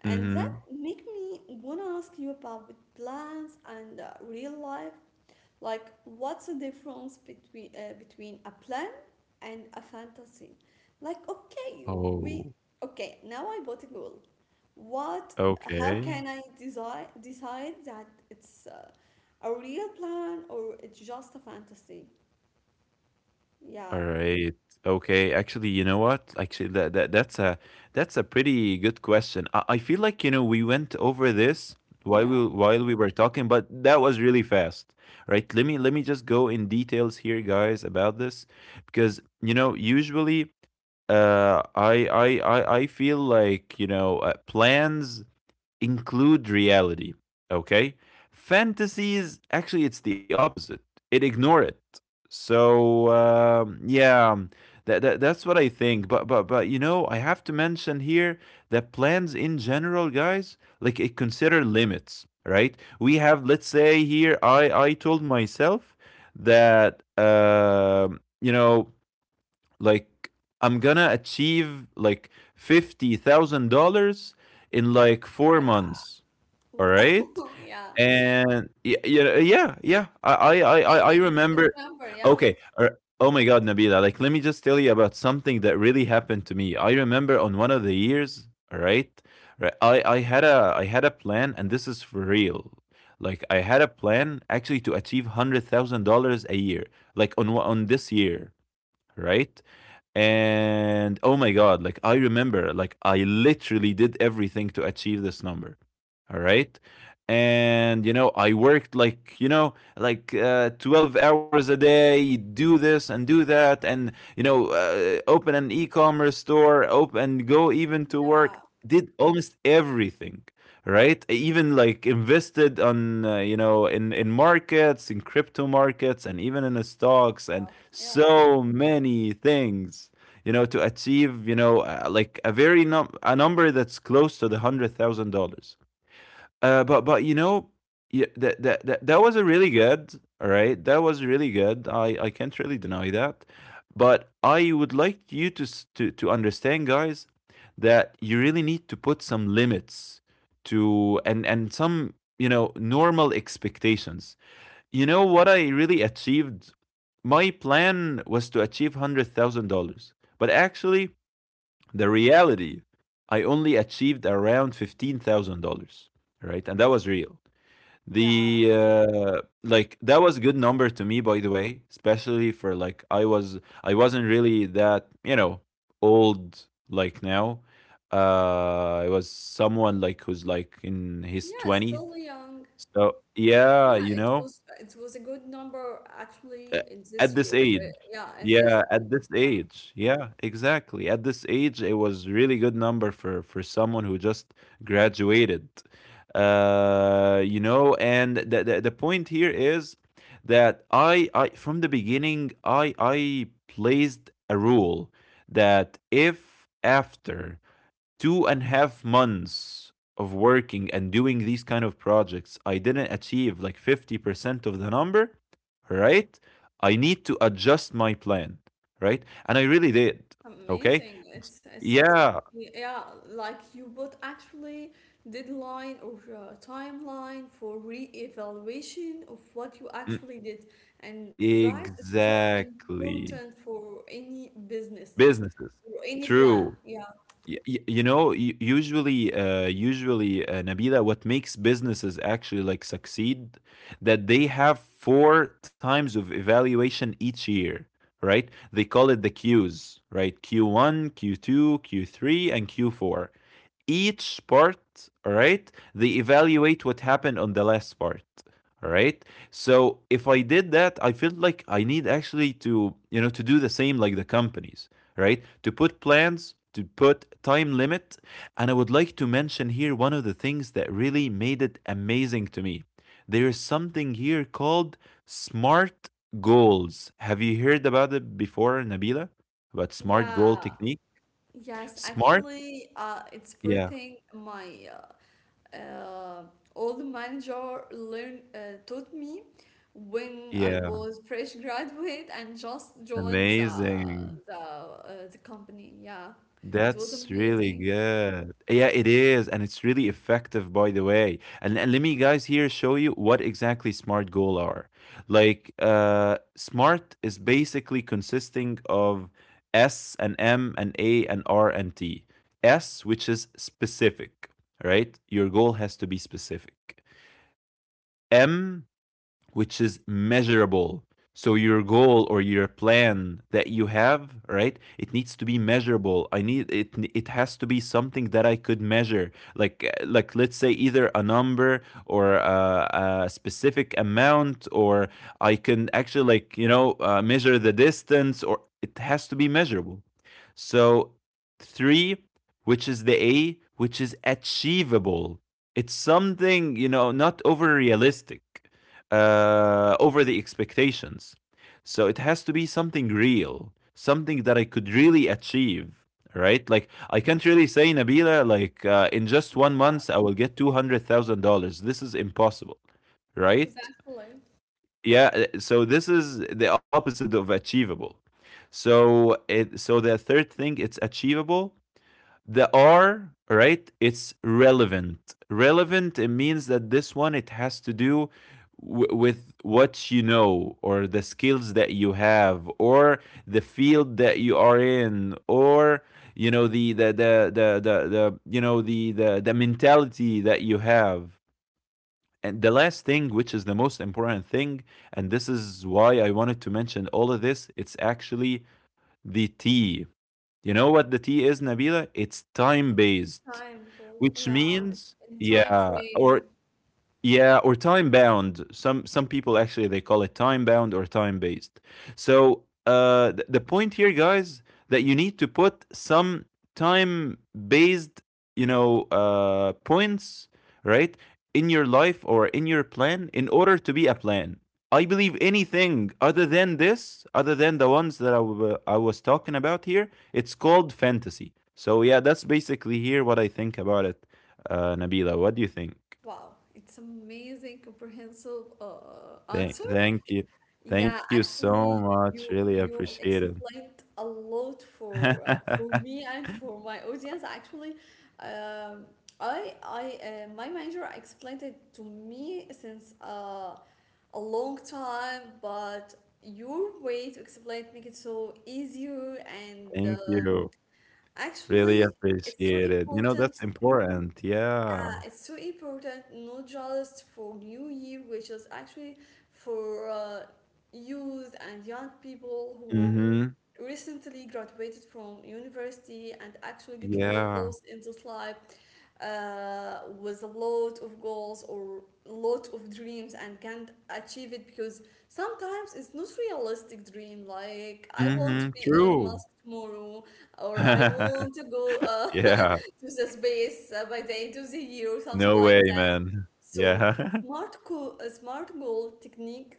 Speaker 1: And that
Speaker 2: Mm-hmm.
Speaker 1: make me wanna ask you about the plans and uh, real life. Like, what's the difference between uh, between a plan and a fantasy? Like, okay, we
Speaker 2: Oh,
Speaker 1: okay now I bought a goal. What? How
Speaker 2: okay.
Speaker 1: can I decide decide that it's uh, a real plan or it's just a fantasy?
Speaker 2: All
Speaker 1: Yeah,
Speaker 2: right. Okay. Actually, you know what? Actually, that, that that's a that's a pretty good question. I, I feel like, you know, we went over this while
Speaker 1: yeah,
Speaker 2: we while we were talking, but that was really fast. Right? Let me let me just go in details here, guys, about this. Because, you know, usually, uh I I I, I feel like, you know, uh, plans include reality. Okay? Fantasies, actually, it's the opposite, it ignore it. So, um, yeah. Um, That, that, that's what I think, but but but you know, I have to mention here that plans in general, guys, like, it consider limits, right? We have, let's say here, I I told myself that, um you know, like, I'm gonna achieve, like, fifty thousand dollars in like four
Speaker 1: yeah.
Speaker 2: months. All
Speaker 1: Wow.
Speaker 2: right,
Speaker 1: Yeah.
Speaker 2: and yeah, yeah, yeah, yeah. I, I, I, I I
Speaker 1: Amazing. It's
Speaker 2: remember.
Speaker 1: amazing number. Yeah.
Speaker 2: Okay. uh, Oh my God, Nabila. Like, let me just tell you about something that really happened to me. I remember on one of the years. All right. Right. I, I had a, I had a plan, and this is for real. Like, I had a plan actually to achieve hundred thousand dollars a year. Like on one- on this year, right? And oh my God, like, I remember, like, I literally did everything to achieve this number. All right. And you know, I worked, like, you know, like, uh, twelve hours a day, do this and do that, and you know, uh, open an e-commerce store, open, go, even to
Speaker 1: Yeah.
Speaker 2: work, did almost everything. Right, I even like invested on, uh, you know, in in markets, in crypto markets, and even in the stocks, and
Speaker 1: Wow. Yeah.
Speaker 2: so many things, you know, to achieve, you know, uh, like a very num- a number that's close to the hundred thousand dollars. uh but but you know, yeah, that, that that that was a really good, all right, that was really good. i I can't really deny that. But I would like you to s- to to understand, guys, that you really need to put some limits, to, and and some, you know, normal expectations. You know what I really achieved? My plan was to achieve one hundred thousand dollars but actually, the reality, I only achieved around fifteen thousand dollars right? And that was real.
Speaker 1: Yeah.
Speaker 2: The uh, Like, that was a good number to me, by the way, especially for, like, I was, I wasn't really that, you know, old like now. Uh, I was someone, like, who's like in his
Speaker 1: Yeah,
Speaker 2: twenties.
Speaker 1: still young.
Speaker 2: So yeah,
Speaker 1: Yeah,
Speaker 2: you
Speaker 1: it
Speaker 2: know.
Speaker 1: was it was a good number
Speaker 2: Uh,
Speaker 1: actually in
Speaker 2: At
Speaker 1: this
Speaker 2: this
Speaker 1: year. Uh,
Speaker 2: age.
Speaker 1: yeah, at this
Speaker 2: Yeah, at
Speaker 1: age.
Speaker 2: this
Speaker 1: Yeah.
Speaker 2: age. Yeah, exactly. At this age, it was really good number for for someone who just graduated. Uh, you know, and the the, the point here is that I I from the beginning I I placed a rule that if after two and a half months of working and doing these kind of projects, I didn't achieve like fifty percent of the number, right? I need to adjust my plan, right? And I really did. Okay.
Speaker 1: Amazing. It's it's
Speaker 2: Yeah.
Speaker 1: yeah, like you both actually deadline or uh, timeline for re-evaluation of what you
Speaker 2: mm,
Speaker 1: actually did. And guys, it's so
Speaker 2: Exactly.
Speaker 1: important for any business
Speaker 2: Businesses.
Speaker 1: or any plan.
Speaker 2: True.
Speaker 1: Yeah.
Speaker 2: Y- y- you know, u- usually uh, usually, uh, Nabila, what makes businesses actually like succeed, that they have four times of evaluation each year. Right, they call it the Q's, right? Q one, Q two, Q three, and Q four. Each part, all right, they evaluate what happened on the last part. All right, so if I did that, I feel like I need actually to, you know, to do the same like the companies, right? To put plans, to put time limit. And I would like to mention here one of the things that really made it amazing to me. There is something here called smart goals. Have you heard about it before, Nabila? About smart goal
Speaker 1: Yeah,
Speaker 2: technique?
Speaker 1: Yes,
Speaker 2: Smart.
Speaker 1: actually, uh, it's first
Speaker 2: Yeah.
Speaker 1: thing my uh, uh, old manager learned uh, taught me when I
Speaker 2: Yeah.
Speaker 1: was fresh graduate and just joined the
Speaker 2: Amazing.
Speaker 1: the uh, the company. Yeah, it was
Speaker 2: That's really
Speaker 1: amazing.
Speaker 2: good. Yeah, it is, and it's really effective, by the way. And, and let me, guys, here show you what exactly smart goal are. Like, uh, smart is basically consisting of S and M and A and R and T. S, which is specific, right? Your goal has to be specific. M, which is measurable. So your goal or your plan that you have, right? It needs to be measurable. I need it It has to be something that I could measure. Like like let's say either a number or a, a specific amount, or I can actually, like, you know, uh, measure the distance, or it has to be measurable. So three, which is the A, which is achievable. It's something, you know, not over realistic, uh, over the expectations. So it has to be something real, something that I could really achieve, right? Like I can't really say, Nabila, like, uh, in just one month I will get two hundred thousand dollars. This is impossible, right?
Speaker 1: Exactly.
Speaker 2: Yeah. uh, So this is the opposite of achievable. So it so the third thing, it's achievable. The R, right, it's relevant. Relevant, it means that this one, it has to do w- with what you know, or the skills that you have, or the field that you are in, or you know, the the the the, the, the you know the, the the mentality that you have. And the last thing, which is the most important thing, and this is why I wanted to mention all of this, it's actually the T. You know what the T is, Nabila? It's time based.
Speaker 1: Timeful.
Speaker 2: Which
Speaker 1: Yeah, it's
Speaker 2: means,
Speaker 1: in time
Speaker 2: yeah,
Speaker 1: frame.
Speaker 2: or yeah, or time bound. Some some people actually they call it time bound or time based. So, uh, th- the point here, guys, that you need to put some time based, you know, uh, points, right, in your life or in your plan, in order to be a plan. I believe anything other than this, other than the ones that I wa- I was talking about here, it's called fantasy. So yeah, that's basically here what I think about it, uh, Nabila. What do you think?
Speaker 1: Wow, it's amazing comprehensive uh,
Speaker 2: Thank
Speaker 1: answer.
Speaker 2: thank you.
Speaker 1: Yeah,
Speaker 2: Thank you so
Speaker 1: actually,
Speaker 2: much.
Speaker 1: you
Speaker 2: Really
Speaker 1: you
Speaker 2: appreciate it.
Speaker 1: explained a lot for uh, for me and for my audience. Actually, um, I I uh, my manager explained it to me since uh, a long time, but your way to explain it make it so easier and
Speaker 2: Thank
Speaker 1: uh,
Speaker 2: you. Really
Speaker 1: actually it's so
Speaker 2: appreciate it. You know,
Speaker 1: important,
Speaker 2: that's important.
Speaker 1: yeah,
Speaker 2: Yeah.
Speaker 1: it's so important, not just for New Year, which is actually for uh, youth and young people who
Speaker 2: Mm-hmm.
Speaker 1: recently graduated from university and actually get lost
Speaker 2: Yeah.
Speaker 1: in this life uh, with a lot of goals or lot of dreams and can't achieve it because sometimes it's not realistic dream, like I want to
Speaker 2: Mm-hmm.
Speaker 1: be Elon
Speaker 2: True.
Speaker 1: Musk tomorrow or I want to go uh,
Speaker 2: Yeah.
Speaker 1: to the space uh, by the end of the year or something
Speaker 2: No
Speaker 1: like
Speaker 2: way,
Speaker 1: that.
Speaker 2: man.
Speaker 1: So
Speaker 2: Yeah.
Speaker 1: smart goal, a smart goal technique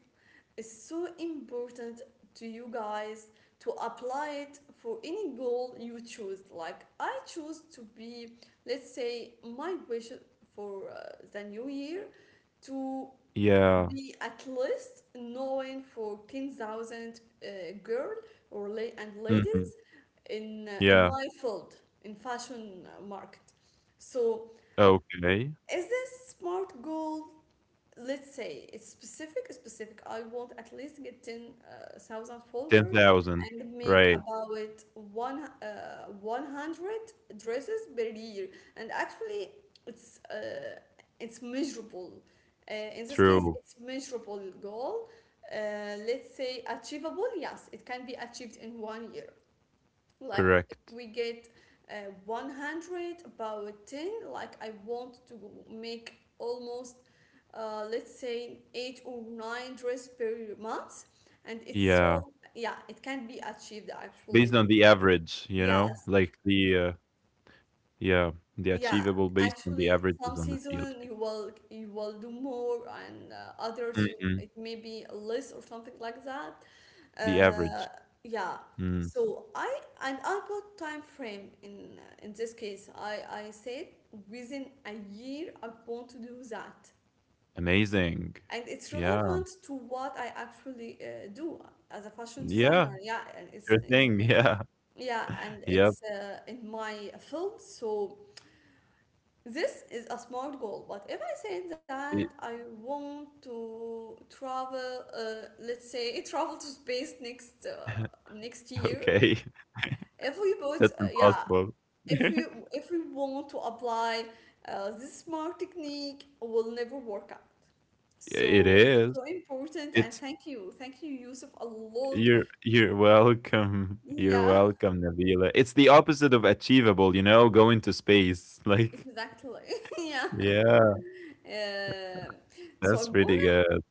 Speaker 1: is so important to you guys to apply it for any goal you choose. Like I choose to be, let's say, my wish for uh, the new year to
Speaker 2: Yeah.
Speaker 1: be at least knowing for ten thousand uh, girl or la- and
Speaker 2: Mm-hmm.
Speaker 1: ladies in uh, in
Speaker 2: Yeah.
Speaker 1: my field, in fashion uh, market. So
Speaker 2: Okay.
Speaker 1: is this smart goal? Let's say it's specific specific I want at least get ten thousand followers
Speaker 2: ten thousand.
Speaker 1: and make
Speaker 2: Right.
Speaker 1: about one uh, one hundred dresses per year. And actually it's uh, it's measurable, uh, in this case
Speaker 2: True.
Speaker 1: it's measurable goal. uh, let's say achievable, yes, it can be achieved in one year, like if
Speaker 2: Correct.
Speaker 1: we get uh, one hundred about ten, like I want to make almost, uh, let's say, eight or nine dress per month. And it's
Speaker 2: Yeah.
Speaker 1: so, yeah, it can be achieved
Speaker 2: Based
Speaker 1: actually.
Speaker 2: on the average, you know,
Speaker 1: Yes,
Speaker 2: like, the uh, yeah, the
Speaker 1: yeah,
Speaker 2: achievable based on the
Speaker 1: actually,
Speaker 2: averages
Speaker 1: some
Speaker 2: on the field.
Speaker 1: season you will you will do more, and uh, others you
Speaker 2: Mhm.
Speaker 1: it may be less or something like that.
Speaker 2: The
Speaker 1: Uh,
Speaker 2: average.
Speaker 1: yeah.
Speaker 2: Mm.
Speaker 1: So I and I put time frame in uh, in this case. I I said within a year I want to do that,
Speaker 2: Amazing.
Speaker 1: and it's
Speaker 2: Yeah.
Speaker 1: relevant to what I actually uh, do as a fashion
Speaker 2: Yeah,
Speaker 1: designer. Yeah, and it's
Speaker 2: sure
Speaker 1: in,
Speaker 2: thing. Yeah.
Speaker 1: yeah, and
Speaker 2: Yep.
Speaker 1: it's uh, in my field. So. This is a smart goal, but if I say that
Speaker 2: It
Speaker 1: I want to travel, uh, let's say travel to space next uh, next year,
Speaker 2: okay.
Speaker 1: if we
Speaker 2: That's
Speaker 1: both, uh, yeah,
Speaker 2: impossible.
Speaker 1: if we if we want to apply uh, this smart technique, will never work out.
Speaker 2: It
Speaker 1: So it's
Speaker 2: is.
Speaker 1: so important, and
Speaker 2: It's
Speaker 1: thank you, thank you, Yusuf, a lot.
Speaker 2: you're You're welcome. You're
Speaker 1: Yeah,
Speaker 2: welcome, Nabila. It's the opposite of achievable, you know, going to space. Like,
Speaker 1: exactly. Yeah.
Speaker 2: yeah,
Speaker 1: Um so I
Speaker 2: that's pretty
Speaker 1: wanna
Speaker 2: good.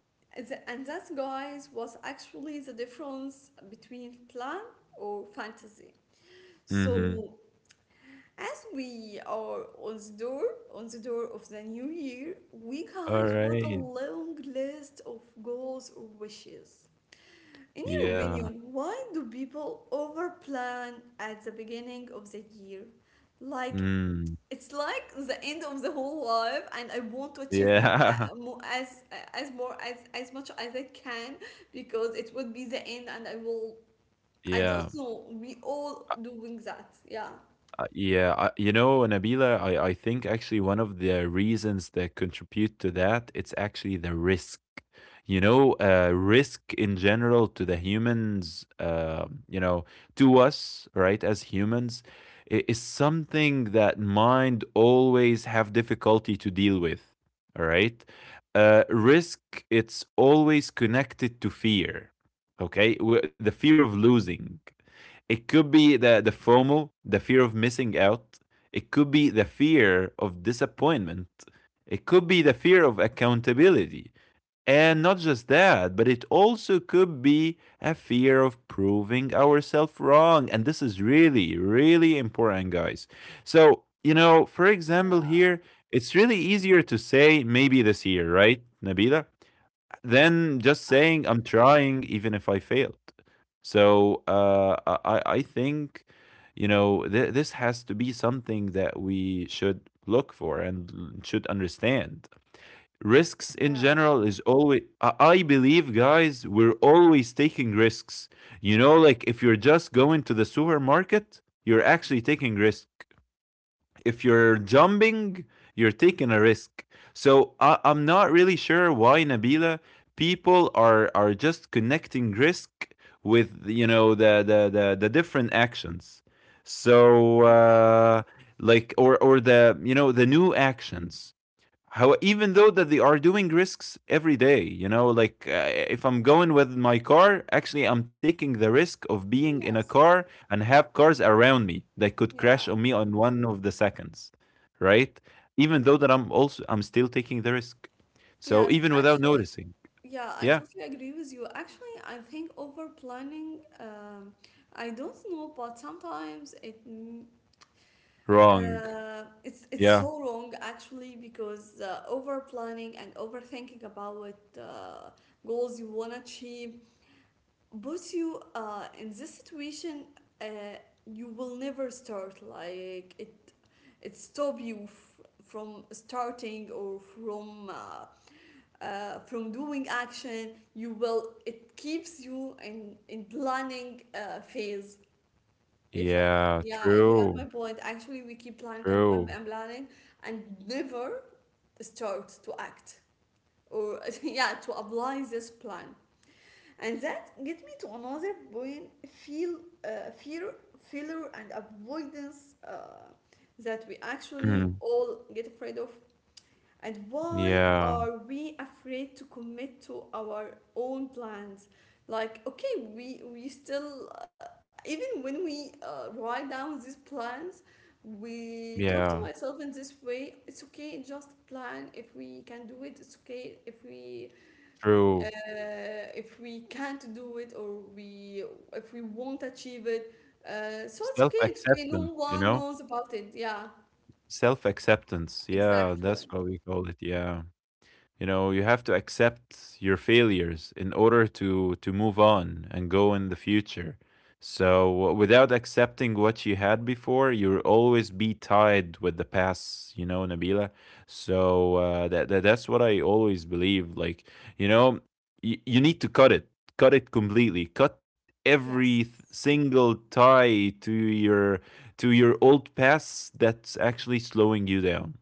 Speaker 1: and that guys was actually the difference between plan or fantasy.
Speaker 2: Mhm.
Speaker 1: So as we are on the door, on the door of the new year, we
Speaker 2: All
Speaker 1: guys what a
Speaker 2: right.
Speaker 1: long list of goals or wishes. In your
Speaker 2: Yeah.
Speaker 1: opinion, why do people overplan at the beginning of the year? Like,
Speaker 2: Mm.
Speaker 1: it's like the end of the whole life, and I want to achieve more,
Speaker 2: Yeah.
Speaker 1: uh, more as uh, as more as as much as I can because it would be the end, and I will. I don't
Speaker 2: Yeah.
Speaker 1: know. We all
Speaker 2: Uh,
Speaker 1: doing that. Yeah.
Speaker 2: uh, yeah, I, you know, Nabila, I, I think actually one of the reasons that contribute to that, it's actually the risk. You know, uh, risk in general to the humans, uh, you know, to us, right, as humans, i- is something that mind always have difficulty to deal with. All right, uh, risk, it's always connected to fear. Okay. W- the fear of losing, it could be the the FOMO, the fear of missing out. It could be the fear of disappointment. It could be the fear of accountability. And not just that, but it also could be a fear of proving ourselves wrong. And this is really, really important, guys. So, you know, for example,
Speaker 1: Yeah.
Speaker 2: here, it's really easier to say maybe this year, right, Nabila, than just
Speaker 1: Yeah.
Speaker 2: saying I'm trying even if I failed. So uh, I I I think, you know th- this has to be something that we should look for and l- should understand. Risks in general is always, I I believe, guys, we're always taking risks. You know, like if you're just going to the supermarket, you're actually taking risk. If you're jumping, you're taking a risk. So I, I'm not really sure why, Nabila, people are are just connecting risk with, you know, the the the, the different actions. So,
Speaker 1: Yeah.
Speaker 2: uh, like or or the, you know, the new actions. How, even though that they are doing risks every day, you know, like uh, if I'm going with my car, actually I'm taking the risk of being in a
Speaker 1: Yes.
Speaker 2: car and have cars around me that could crash
Speaker 1: Yeah.
Speaker 2: on me on one of the seconds, right? Even though that I'm also I'm still taking the risk. So
Speaker 1: Yes.
Speaker 2: even without
Speaker 1: Actually,
Speaker 2: noticing,
Speaker 1: yeah, I
Speaker 2: yeah.
Speaker 1: totally agree with you. Actually, I think over planning, um, I don't know, but sometimes it m-
Speaker 2: Wrong.
Speaker 1: uh, it's it's
Speaker 2: Yeah,
Speaker 1: so wrong actually, because uh, over planning and overthinking about what uh, goals you wanna achieve puts you uh, in this situation, uh, you will never start. Like it it stop you f- from starting or from uh, uh, from doing action. You will it keeps you in in planning uh, phase, if
Speaker 2: yeah,
Speaker 1: yeah, if you got
Speaker 2: true,
Speaker 1: my point. Actually we keep planning and planning
Speaker 2: true.
Speaker 1: and planning and never start to act or yeah to apply this plan. And that get me to another point, feel uh, fear, failure and avoidance, uh, that we actually
Speaker 2: Mhm.
Speaker 1: all get afraid of. And why
Speaker 2: Yeah,
Speaker 1: are we afraid to commit to our own plans? Like, okay, we we still uh, even when we uh, write down these plans, we talk to
Speaker 2: yeah,
Speaker 1: myself in this way. It's okay, just plan. If we can do it, it's okay. If we
Speaker 2: true.
Speaker 1: uh, if we can't do it or we if we won't achieve it, uh, so it's
Speaker 2: Self
Speaker 1: okay. It's okay.
Speaker 2: acceptance,
Speaker 1: No
Speaker 2: you
Speaker 1: one
Speaker 2: know.
Speaker 1: knows about it. Yeah,
Speaker 2: Self acceptance. Yeah, that's what
Speaker 1: exactly.
Speaker 2: we call it. Yeah, you know you have to accept your failures in order to to move on and go in the future. So without accepting what you had before, you'll always be tied with the past, you know, Nabila. So, uh, that, that that's what I always believe. Like, you know you, you need to cut it. Cut it completely. Cut every th-
Speaker 1: Yes.
Speaker 2: single tie to your to your old past, that's actually slowing you down,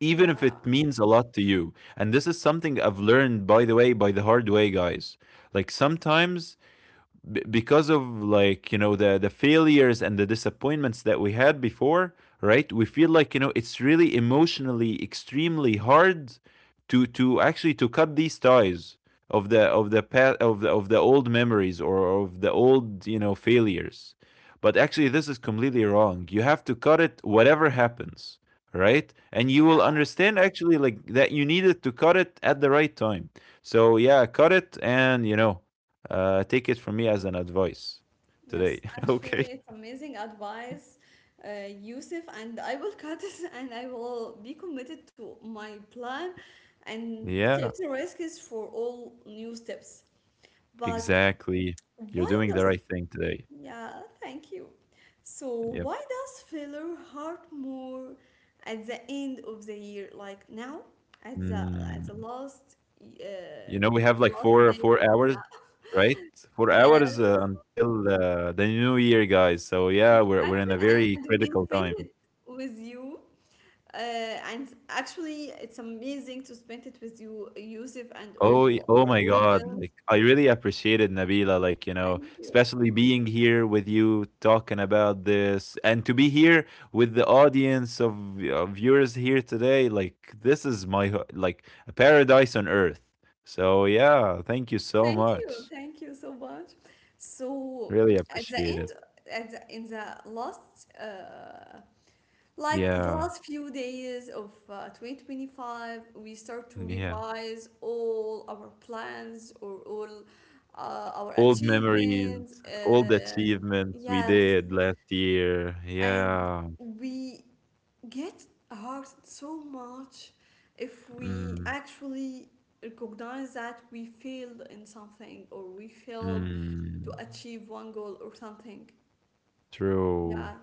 Speaker 2: even if it
Speaker 1: Yeah.
Speaker 2: means a lot to you. And this is something I've learned, by the way, by the hard way, guys. Like sometimes, b- because of, like, you know, the the failures and the disappointments that we had before, right, we feel like, you know it's really emotionally extremely hard to to actually to cut these ties of the of the pa- of the, of the old memories or of the old, you know failures. But actually this is completely wrong. You have to cut it whatever happens, right, and you will
Speaker 1: Yeah.
Speaker 2: understand actually, like, that you needed to cut it at the right time. So yeah, cut it, and, you know uh, take it from me as an advice today.
Speaker 1: Yes,
Speaker 2: Okay.
Speaker 1: actually, it's amazing advice, uh, Yusuf, and I will cut it and I will be committed to my plan and
Speaker 2: Yeah,
Speaker 1: take the risks for all new steps. But
Speaker 2: exactly. You're
Speaker 1: why
Speaker 2: doing the
Speaker 1: does,
Speaker 2: right thing today.
Speaker 1: yeah, thank you. So,
Speaker 2: Yep.
Speaker 1: why does failure hurt more at the end of the year, like now, at the at the
Speaker 2: Mm.
Speaker 1: last, uh,
Speaker 2: You know, we have
Speaker 1: the
Speaker 2: like
Speaker 1: last
Speaker 2: four
Speaker 1: day?
Speaker 2: four
Speaker 1: Yeah,
Speaker 2: hours, right? Four
Speaker 1: yes,
Speaker 2: hours uh, until uh, the new year, guys. So yeah, we're we're in a
Speaker 1: exactly.
Speaker 2: very
Speaker 1: And we
Speaker 2: critical
Speaker 1: spend
Speaker 2: time.
Speaker 1: it with you. Uh, and actually, it's amazing to spend it with you, Yusuf, and
Speaker 2: Oh, y-
Speaker 1: all
Speaker 2: oh
Speaker 1: our
Speaker 2: my God.
Speaker 1: audience.
Speaker 2: Like, I really appreciated, Nabila. Like, you know,
Speaker 1: Thank you.
Speaker 2: especially being here with you talking about this, and to be here with the audience of uh, viewers here today. Like, this is my, ho- like, a paradise on earth. So, yeah, thank you so
Speaker 1: Thank you.
Speaker 2: much.
Speaker 1: Thank you so much. So,
Speaker 2: Really
Speaker 1: at the
Speaker 2: appreciate it.
Speaker 1: end, at the, in the last, uh, like the
Speaker 2: Yeah.
Speaker 1: last few days of uh, twenty twenty-five, we start to
Speaker 2: Yeah.
Speaker 1: revise all our plans or all uh, our
Speaker 2: Old memories,
Speaker 1: achievements. Uh,
Speaker 2: old achievements we
Speaker 1: yes.
Speaker 2: did last year.
Speaker 1: And
Speaker 2: Yeah.
Speaker 1: we get hurt so much if we
Speaker 2: Mm,
Speaker 1: actually recognize that we failed in something or we failed
Speaker 2: mm,
Speaker 1: to achieve one goal or something.
Speaker 2: true.
Speaker 1: Yeah.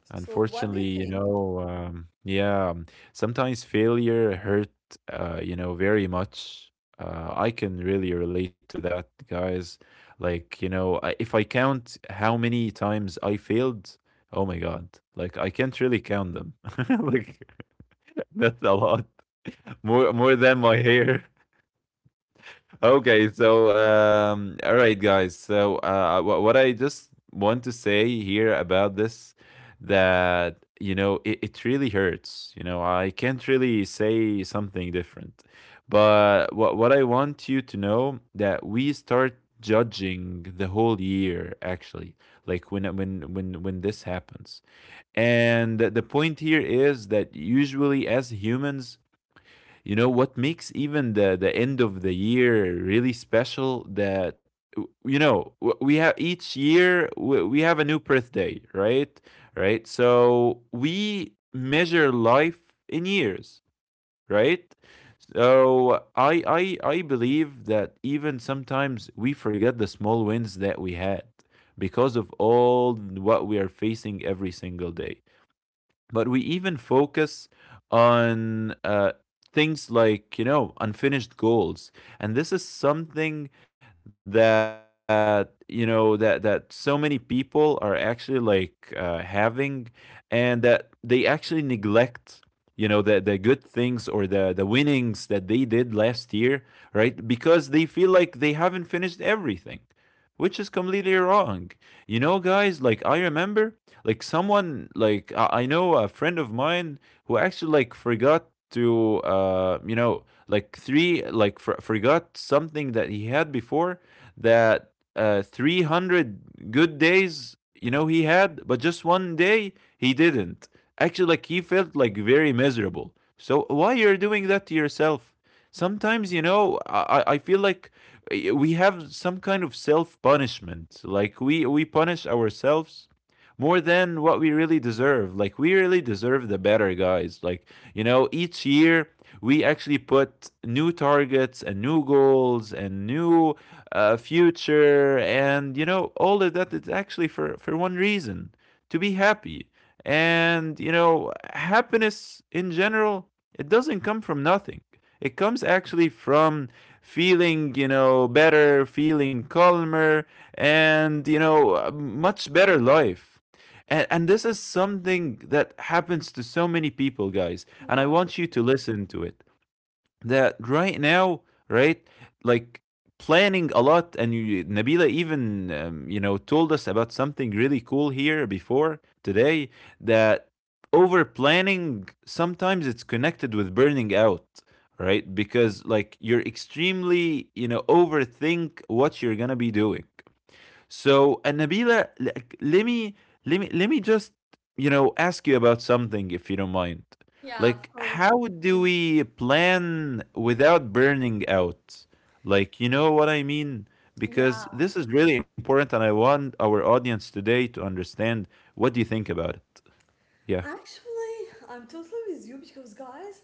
Speaker 1: So what do you
Speaker 2: Unfortunately, you
Speaker 1: think?
Speaker 2: know, um, yeah, sometimes failure hurt, uh, you know, very much. Uh, I can really relate to that, guys. Like, you know, I- if I count how many times I failed, oh my God, like I can't really count them. Like that's a lot, more more than my hair. Okay, so, um, all right, guys. So uh, wh- what I just want to say here about this, that, you know, it, it really hurts. You know, I can't really say something different, but what what I want you to know, that we start judging the whole year actually, like when when when when this happens, and the the point here is that usually, as humans, you know what makes even the the end of the year really special, that, you know, w- we have each year, w- we have a new birthday, right? Right, so we measure life in years, right. So i i i believe that even sometimes we forget the small wins that we had because of all what we are facing every single day, but we even focus on, uh, things like, you know, unfinished goals, and this is something that, you know, that that so many people are actually like, uh, having, and that they actually neglect, you know, the the good things or the the winnings that they did last year, right, because they feel like they haven't finished everything, which is completely wrong, you know, guys. Like I remember, like someone, like I I know a friend of mine who actually like forgot to, uh you know like three, like, for, forgot something that he had before, that, uh three hundred good days, you know, he had, but just one day he didn't. Actually, like he felt like very miserable. So why you're doing that to yourself? Sometimes, you know, i i I feel like, uh, we have some kind of self punishment. Like we we punish ourselves more than what we really deserve. Like we really deserve the better, guys. Like, you know, each year we actually put new targets and new goals and new, uh, future, and you know, all of that is actually for for one reason: to be happy. And you know, happiness in general, it doesn't come from nothing. It comes actually from feeling, you know, better, feeling calmer, and you know, a much better life. And, and this is something that happens to so many people, guys. And I
Speaker 1: Yeah.
Speaker 2: want you to listen to it. That right now, right, like planning a lot, and you, Nabila, even, um, you know, told us about something really cool here before today, that over planning sometimes it's connected with burning out, right, because like you're extremely, you know, overthink what you're gonna be doing. So, and Nabila, like, let me let me let me just, you know ask you about something, if you don't mind.
Speaker 1: Yeah, of
Speaker 2: Like,
Speaker 1: course.
Speaker 2: how do we plan without burning out? Like, you know what I mean?
Speaker 1: Yeah.
Speaker 2: Because this is really important, and I want our audience today to understand. What do you think about it? Yeah.
Speaker 1: Actually, I'm totally with you because guys,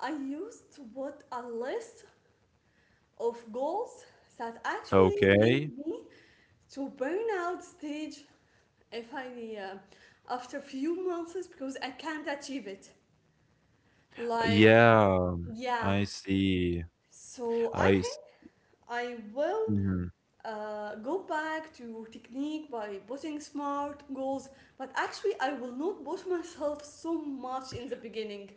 Speaker 1: I used to put a list of goals that actually lead
Speaker 2: Okay.
Speaker 1: me. So burnout stage, if I uh, after few months, because I can't achieve it. Like
Speaker 2: Yeah.
Speaker 1: yeah,
Speaker 2: I see.
Speaker 1: so I
Speaker 2: I
Speaker 1: think I will
Speaker 2: see.
Speaker 1: uh, go back to technique by putting smart goals, but actually I will not push myself so much in the beginning.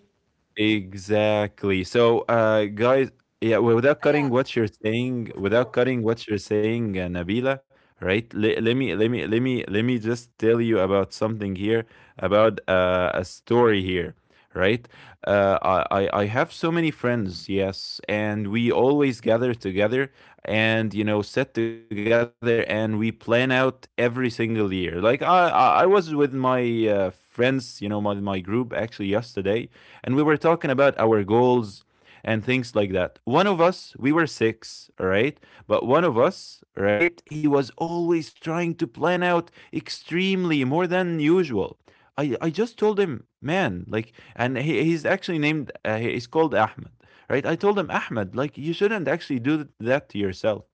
Speaker 2: Exactly. So, uh, guys, yeah, well, without cutting
Speaker 1: Yeah,
Speaker 2: what you're saying,
Speaker 1: of
Speaker 2: without
Speaker 1: course.
Speaker 2: cutting what you're saying, uh, Nabila, right? Let, let me, let me, let me, let me just tell you about something here, about, uh, a story here, right? Uh, I, I, I have so many friends, yes, and we always gather together and, you know, sit together and we plan out every single year. Like i i was with my, uh, friends, you know, my, my group actually yesterday, and we were talking about our goals and things like that. One of us, we were six, all right, but one of us, right, he was always trying to plan out extremely more than usual. I I just told him, man, like, and he, he's actually named, uh, he- he's called Ahmed, right? I told him, Ahmed, like, you shouldn't actually do th- that to yourself.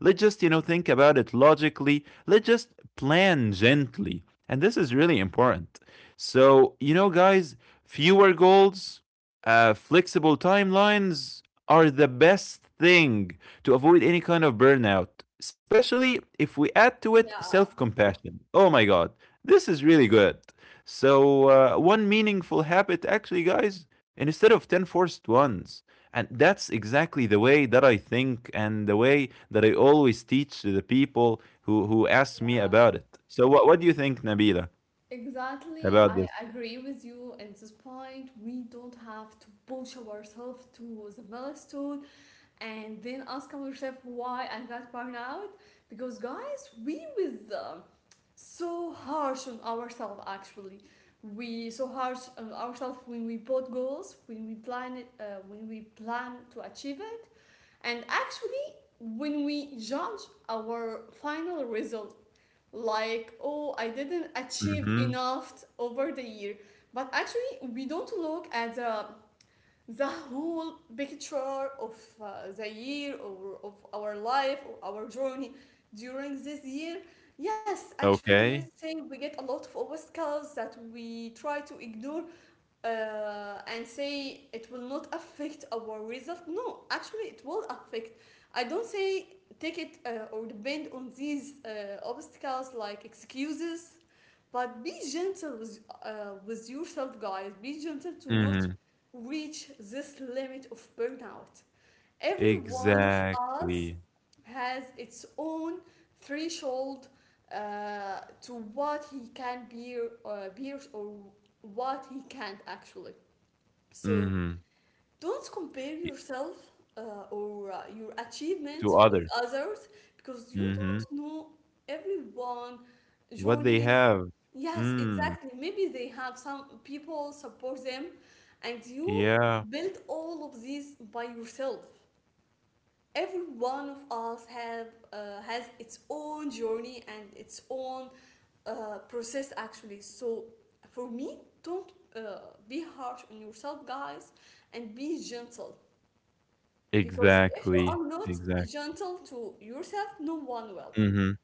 Speaker 2: Let's just, you know, think about it logically. Let's just plan gently. And this is really important. So, you know, guys, fewer goals, uh, flexible timelines are the best thing to avoid any kind of burnout, especially if we add to it
Speaker 1: Yeah.
Speaker 2: self compassion. Oh my God, this is really good. So, uh, one meaningful habit, actually, guys, instead of ten forced ones. And that's exactly the way that I think and the way that I always teach to the people who, who ask me about it. So, what, what do you think, Nabila,
Speaker 1: Exactly,
Speaker 2: about
Speaker 1: I
Speaker 2: this?
Speaker 1: agree with you at this point. We don't have to push ourselves to the milestone and then ask ourselves why I got burnout. Because guys, we with um, so harsh on ourselves actually. We so harsh on ourselves when we put goals, when we plan it, uh, when we plan to achieve it, and actually when we judge our final result, like oh I didn't achieve
Speaker 2: Hmm.
Speaker 1: enough over the year, but actually we don't look at the, the whole picture of uh, the year or of our life or our journey during this year. Yes actually,
Speaker 2: Okay.
Speaker 1: let's say we get a lot of obstacles that we try to ignore, uh, and say it will not affect our result. No, actually, it will affect. I don't say take it uh, or depend on these uh, obstacles like excuses, but be gentle with, uh, with yourself, guys. Be gentle to not reach this limit of burnout. Every one of us
Speaker 2: Exactly.
Speaker 1: has its own threshold uh, to what he can bear, uh, bear or what he can't actually. So
Speaker 2: Mhm.
Speaker 1: don't compare
Speaker 2: Y
Speaker 1: yourself uh, or uh, your achievements
Speaker 2: To
Speaker 1: with
Speaker 2: others.
Speaker 1: others, because you don't
Speaker 2: Mhm.
Speaker 1: know everyone
Speaker 2: What they
Speaker 1: journey.
Speaker 2: have.
Speaker 1: Yes,
Speaker 2: Mm.
Speaker 1: exactly. Maybe they have some people support them, and you
Speaker 2: Yeah.
Speaker 1: build all of these by yourself. Every one of us have uh, has its own journey and its own uh, process actually. So for me, don't uh, be harsh on yourself guys and be gentle, because if you
Speaker 2: Exactly.
Speaker 1: are
Speaker 2: Exactly.
Speaker 1: not
Speaker 2: Exact.
Speaker 1: gentle to yourself no one will.
Speaker 2: Mhm.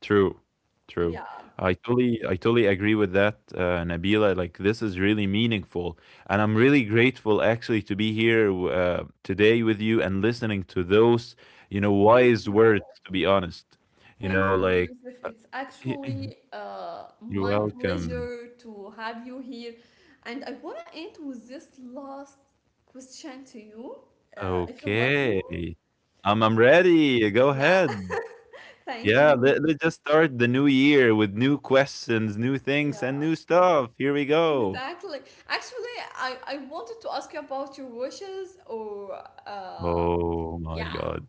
Speaker 2: True. True.
Speaker 1: Yeah,
Speaker 2: I totally I totally agree with that, uh, Nabila. Like, this is really meaningful, and I'm really grateful actually to be here w uh, today with you and listening to those, you know,
Speaker 1: thank
Speaker 2: wise
Speaker 1: you.
Speaker 2: words, to be honest. You
Speaker 1: Thank
Speaker 2: know,
Speaker 1: you,
Speaker 2: like,
Speaker 1: Yusuf.
Speaker 2: uh,
Speaker 1: It's actually uh,
Speaker 2: You're
Speaker 1: my
Speaker 2: welcome.
Speaker 1: pleasure to have you here. And I want to end with this last question to you, uh, if you let me.
Speaker 2: Okay. I'm I'm ready. Go
Speaker 1: Yeah,
Speaker 2: ahead.
Speaker 1: thank
Speaker 2: Yeah,
Speaker 1: you.
Speaker 2: let, let's just start the new year with new questions, new things, and
Speaker 1: Yeah,
Speaker 2: new stuff. Here we go.
Speaker 1: exactly. Actually, I, I wanted to ask you about your wishes or, uh,
Speaker 2: Oh my
Speaker 1: yeah.
Speaker 2: God.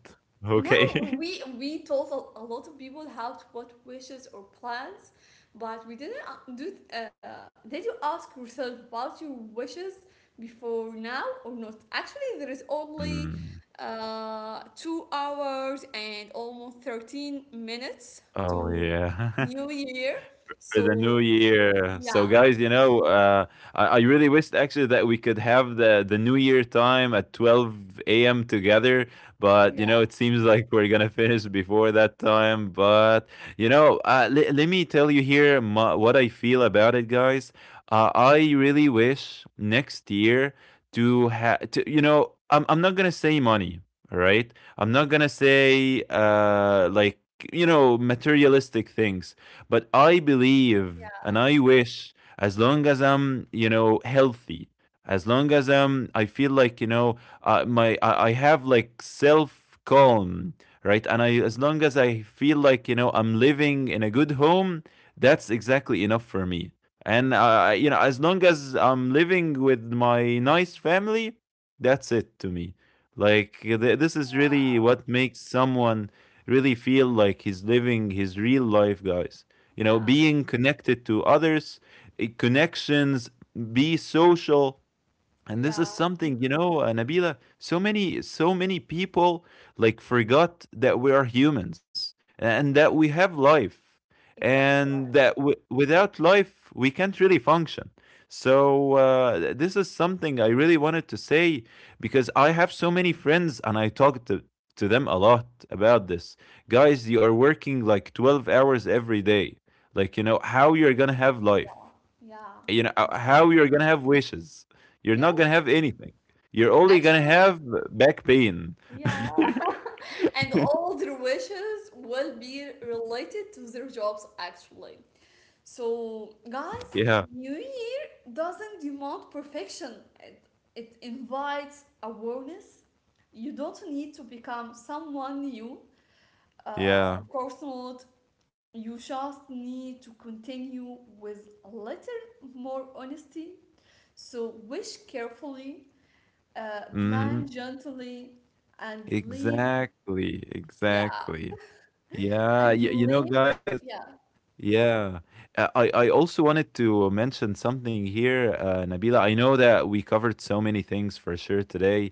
Speaker 1: Now
Speaker 2: Okay.
Speaker 1: we we told a, a lot of people how to put wishes or plans, but we didn't a- do. Uh, did you ask yourself about your wishes before now or not? Actually, there is only
Speaker 2: Mm.
Speaker 1: uh, two hours and almost thirteen minutes
Speaker 2: Oh
Speaker 1: to
Speaker 2: yeah.
Speaker 1: New Year.
Speaker 2: For the new
Speaker 1: So
Speaker 2: year. So,
Speaker 1: yeah,
Speaker 2: guys, you know, uh, I, I really wished actually that we could have the the new year time at twelve a m together, but you know,
Speaker 1: yeah,
Speaker 2: it seems like we're gonna finish before that time. But you know, uh, le- let me tell you here my, what I feel about it, guys. Uh, I really wish next year to have to, you know, I'm I'm not gonna say money, all right? I'm not gonna say, uh like, you know, materialistic things, but I believe and I wish, as long as I'm, you know, healthy, as long as I'm, I feel like, you know, uh, my, I, I have like self calm, right? And I, as long as I feel like, you know, I'm living in a good home, that's exactly enough for me. And, uh, you know, as long as I'm living with my nice family, that's it to me. Like, th- this is really
Speaker 1: wow,
Speaker 2: what makes someone really feel like he's living his real life, guys, you know,
Speaker 1: yeah,
Speaker 2: being connected to others, eh, connections, be social. And this is
Speaker 1: yeah,
Speaker 2: something, you know, uh, Nabila, so many so many people, like, forgot that we are humans and that we have life,
Speaker 1: exactly,
Speaker 2: and that, w- without life we can't really function. So uh, this is something I really wanted to say, because I have so many friends and I talk to to them a lot about this. Guys, you are working like twelve hours every day. Like, you know, how you're going to have life,
Speaker 1: yeah, yeah.
Speaker 2: you know uh,
Speaker 1: Actually,
Speaker 2: how you're gonna have wishes? You're not gonna have
Speaker 1: yes.
Speaker 2: anything. You're only gonna
Speaker 1: Actually,
Speaker 2: have back pain.
Speaker 1: yeah. And all their wishes will be related to their jobs actually. So, guys,
Speaker 2: Yeah,
Speaker 1: New Year doesn't demand perfection. It, it invites awareness. You don't need to become someone new. Uh,
Speaker 2: yeah.
Speaker 1: of course not. You just need to continue with a little more honesty. So, wish carefully, uh,
Speaker 2: Hmm.
Speaker 1: plan gently, and live
Speaker 2: Exactly,
Speaker 1: yeah,
Speaker 2: exactly. Yeah, y-
Speaker 1: and
Speaker 2: you know,
Speaker 1: live.
Speaker 2: guys.
Speaker 1: Yeah,
Speaker 2: Yeah. Uh, I, I also wanted to mention something here, uh, Nabila. I know that we covered so many things for sure today,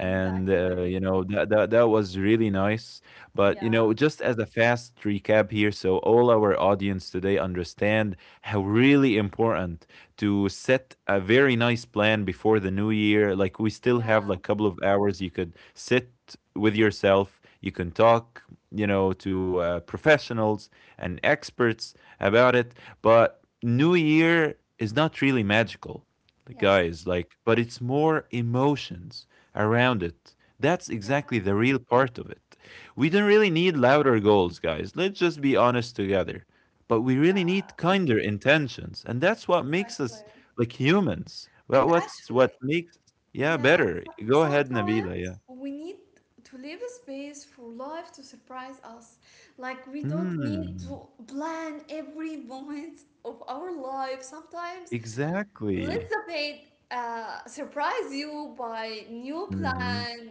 Speaker 2: and
Speaker 1: exactly.
Speaker 2: uh, you know, that, that that was really nice. But you
Speaker 1: Yeah,
Speaker 2: know, just as a fast recap here, so all our audience today understand how really important to set a very nice plan before the new year. Like we still have like a
Speaker 1: yeah,
Speaker 2: couple of hours. You could sit with yourself. You can talk, you know, to, uh, professionals and experts about it, but New Year is not really magical, like,
Speaker 1: yes,
Speaker 2: guys, like, but it's more emotions around it. That's exactly
Speaker 1: yeah,
Speaker 2: the real part of it. We don't really need louder goals, guys. Let's just be honest together. But we really need
Speaker 1: yeah,
Speaker 2: kinder intentions, and that's what makes us
Speaker 1: exactly.
Speaker 2: like humans. Well,
Speaker 1: And
Speaker 2: what's what
Speaker 1: actually,
Speaker 2: makes, yeah,
Speaker 1: yeah,
Speaker 2: better?
Speaker 1: so
Speaker 2: Go ahead, Nabila. Yeah.
Speaker 1: sometimes we need to leave space for life to surprise us. Like, we don't need
Speaker 2: Hmm.
Speaker 1: to plan every moment of our life. Sometimes
Speaker 2: Exactly.
Speaker 1: Elizabeth uh, surprise you by new
Speaker 2: Mhm.
Speaker 1: plan,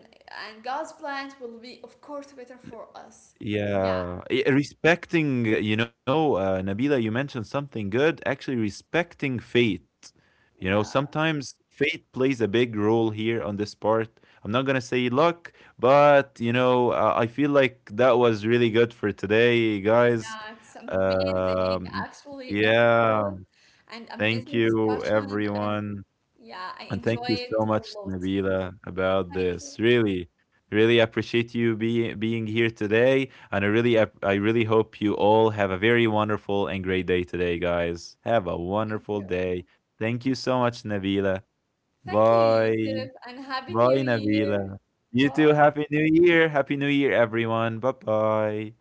Speaker 1: and God's plans will be, of course, better for us. Yeah,
Speaker 2: Yeah, i- respecting, uh, you know, uh, Nabila, you mentioned something good. Actually, respecting fate. You know,
Speaker 1: yeah,
Speaker 2: sometimes fate plays a big role here on this part. I'm not gonna say luck, but you know, uh, I feel like that was really good for today, guys.
Speaker 1: yeah. It's amazing,
Speaker 2: Um,
Speaker 1: actually,
Speaker 2: yeah,
Speaker 1: episode and
Speaker 2: thank
Speaker 1: amazing
Speaker 2: you,
Speaker 1: discussion, and
Speaker 2: everyone.
Speaker 1: yeah, I
Speaker 2: And
Speaker 1: enjoy
Speaker 2: thank you
Speaker 1: it
Speaker 2: so
Speaker 1: a
Speaker 2: much,
Speaker 1: lot.
Speaker 2: Nabila, about
Speaker 1: Thank you,
Speaker 2: this. Really, really appreciate you being being here today. And I really, ap- I really hope you all have a very wonderful and great day today, guys. Have a
Speaker 1: thank you,
Speaker 2: wonderful day. Thank you so much, Nabila.
Speaker 1: thank you, Yusuf,
Speaker 2: Bye.
Speaker 1: and happy New
Speaker 2: Bye,
Speaker 1: Year.
Speaker 2: Nabila. You
Speaker 1: Bye.
Speaker 2: too. Happy New Year. Happy New Year, everyone. Bye-bye.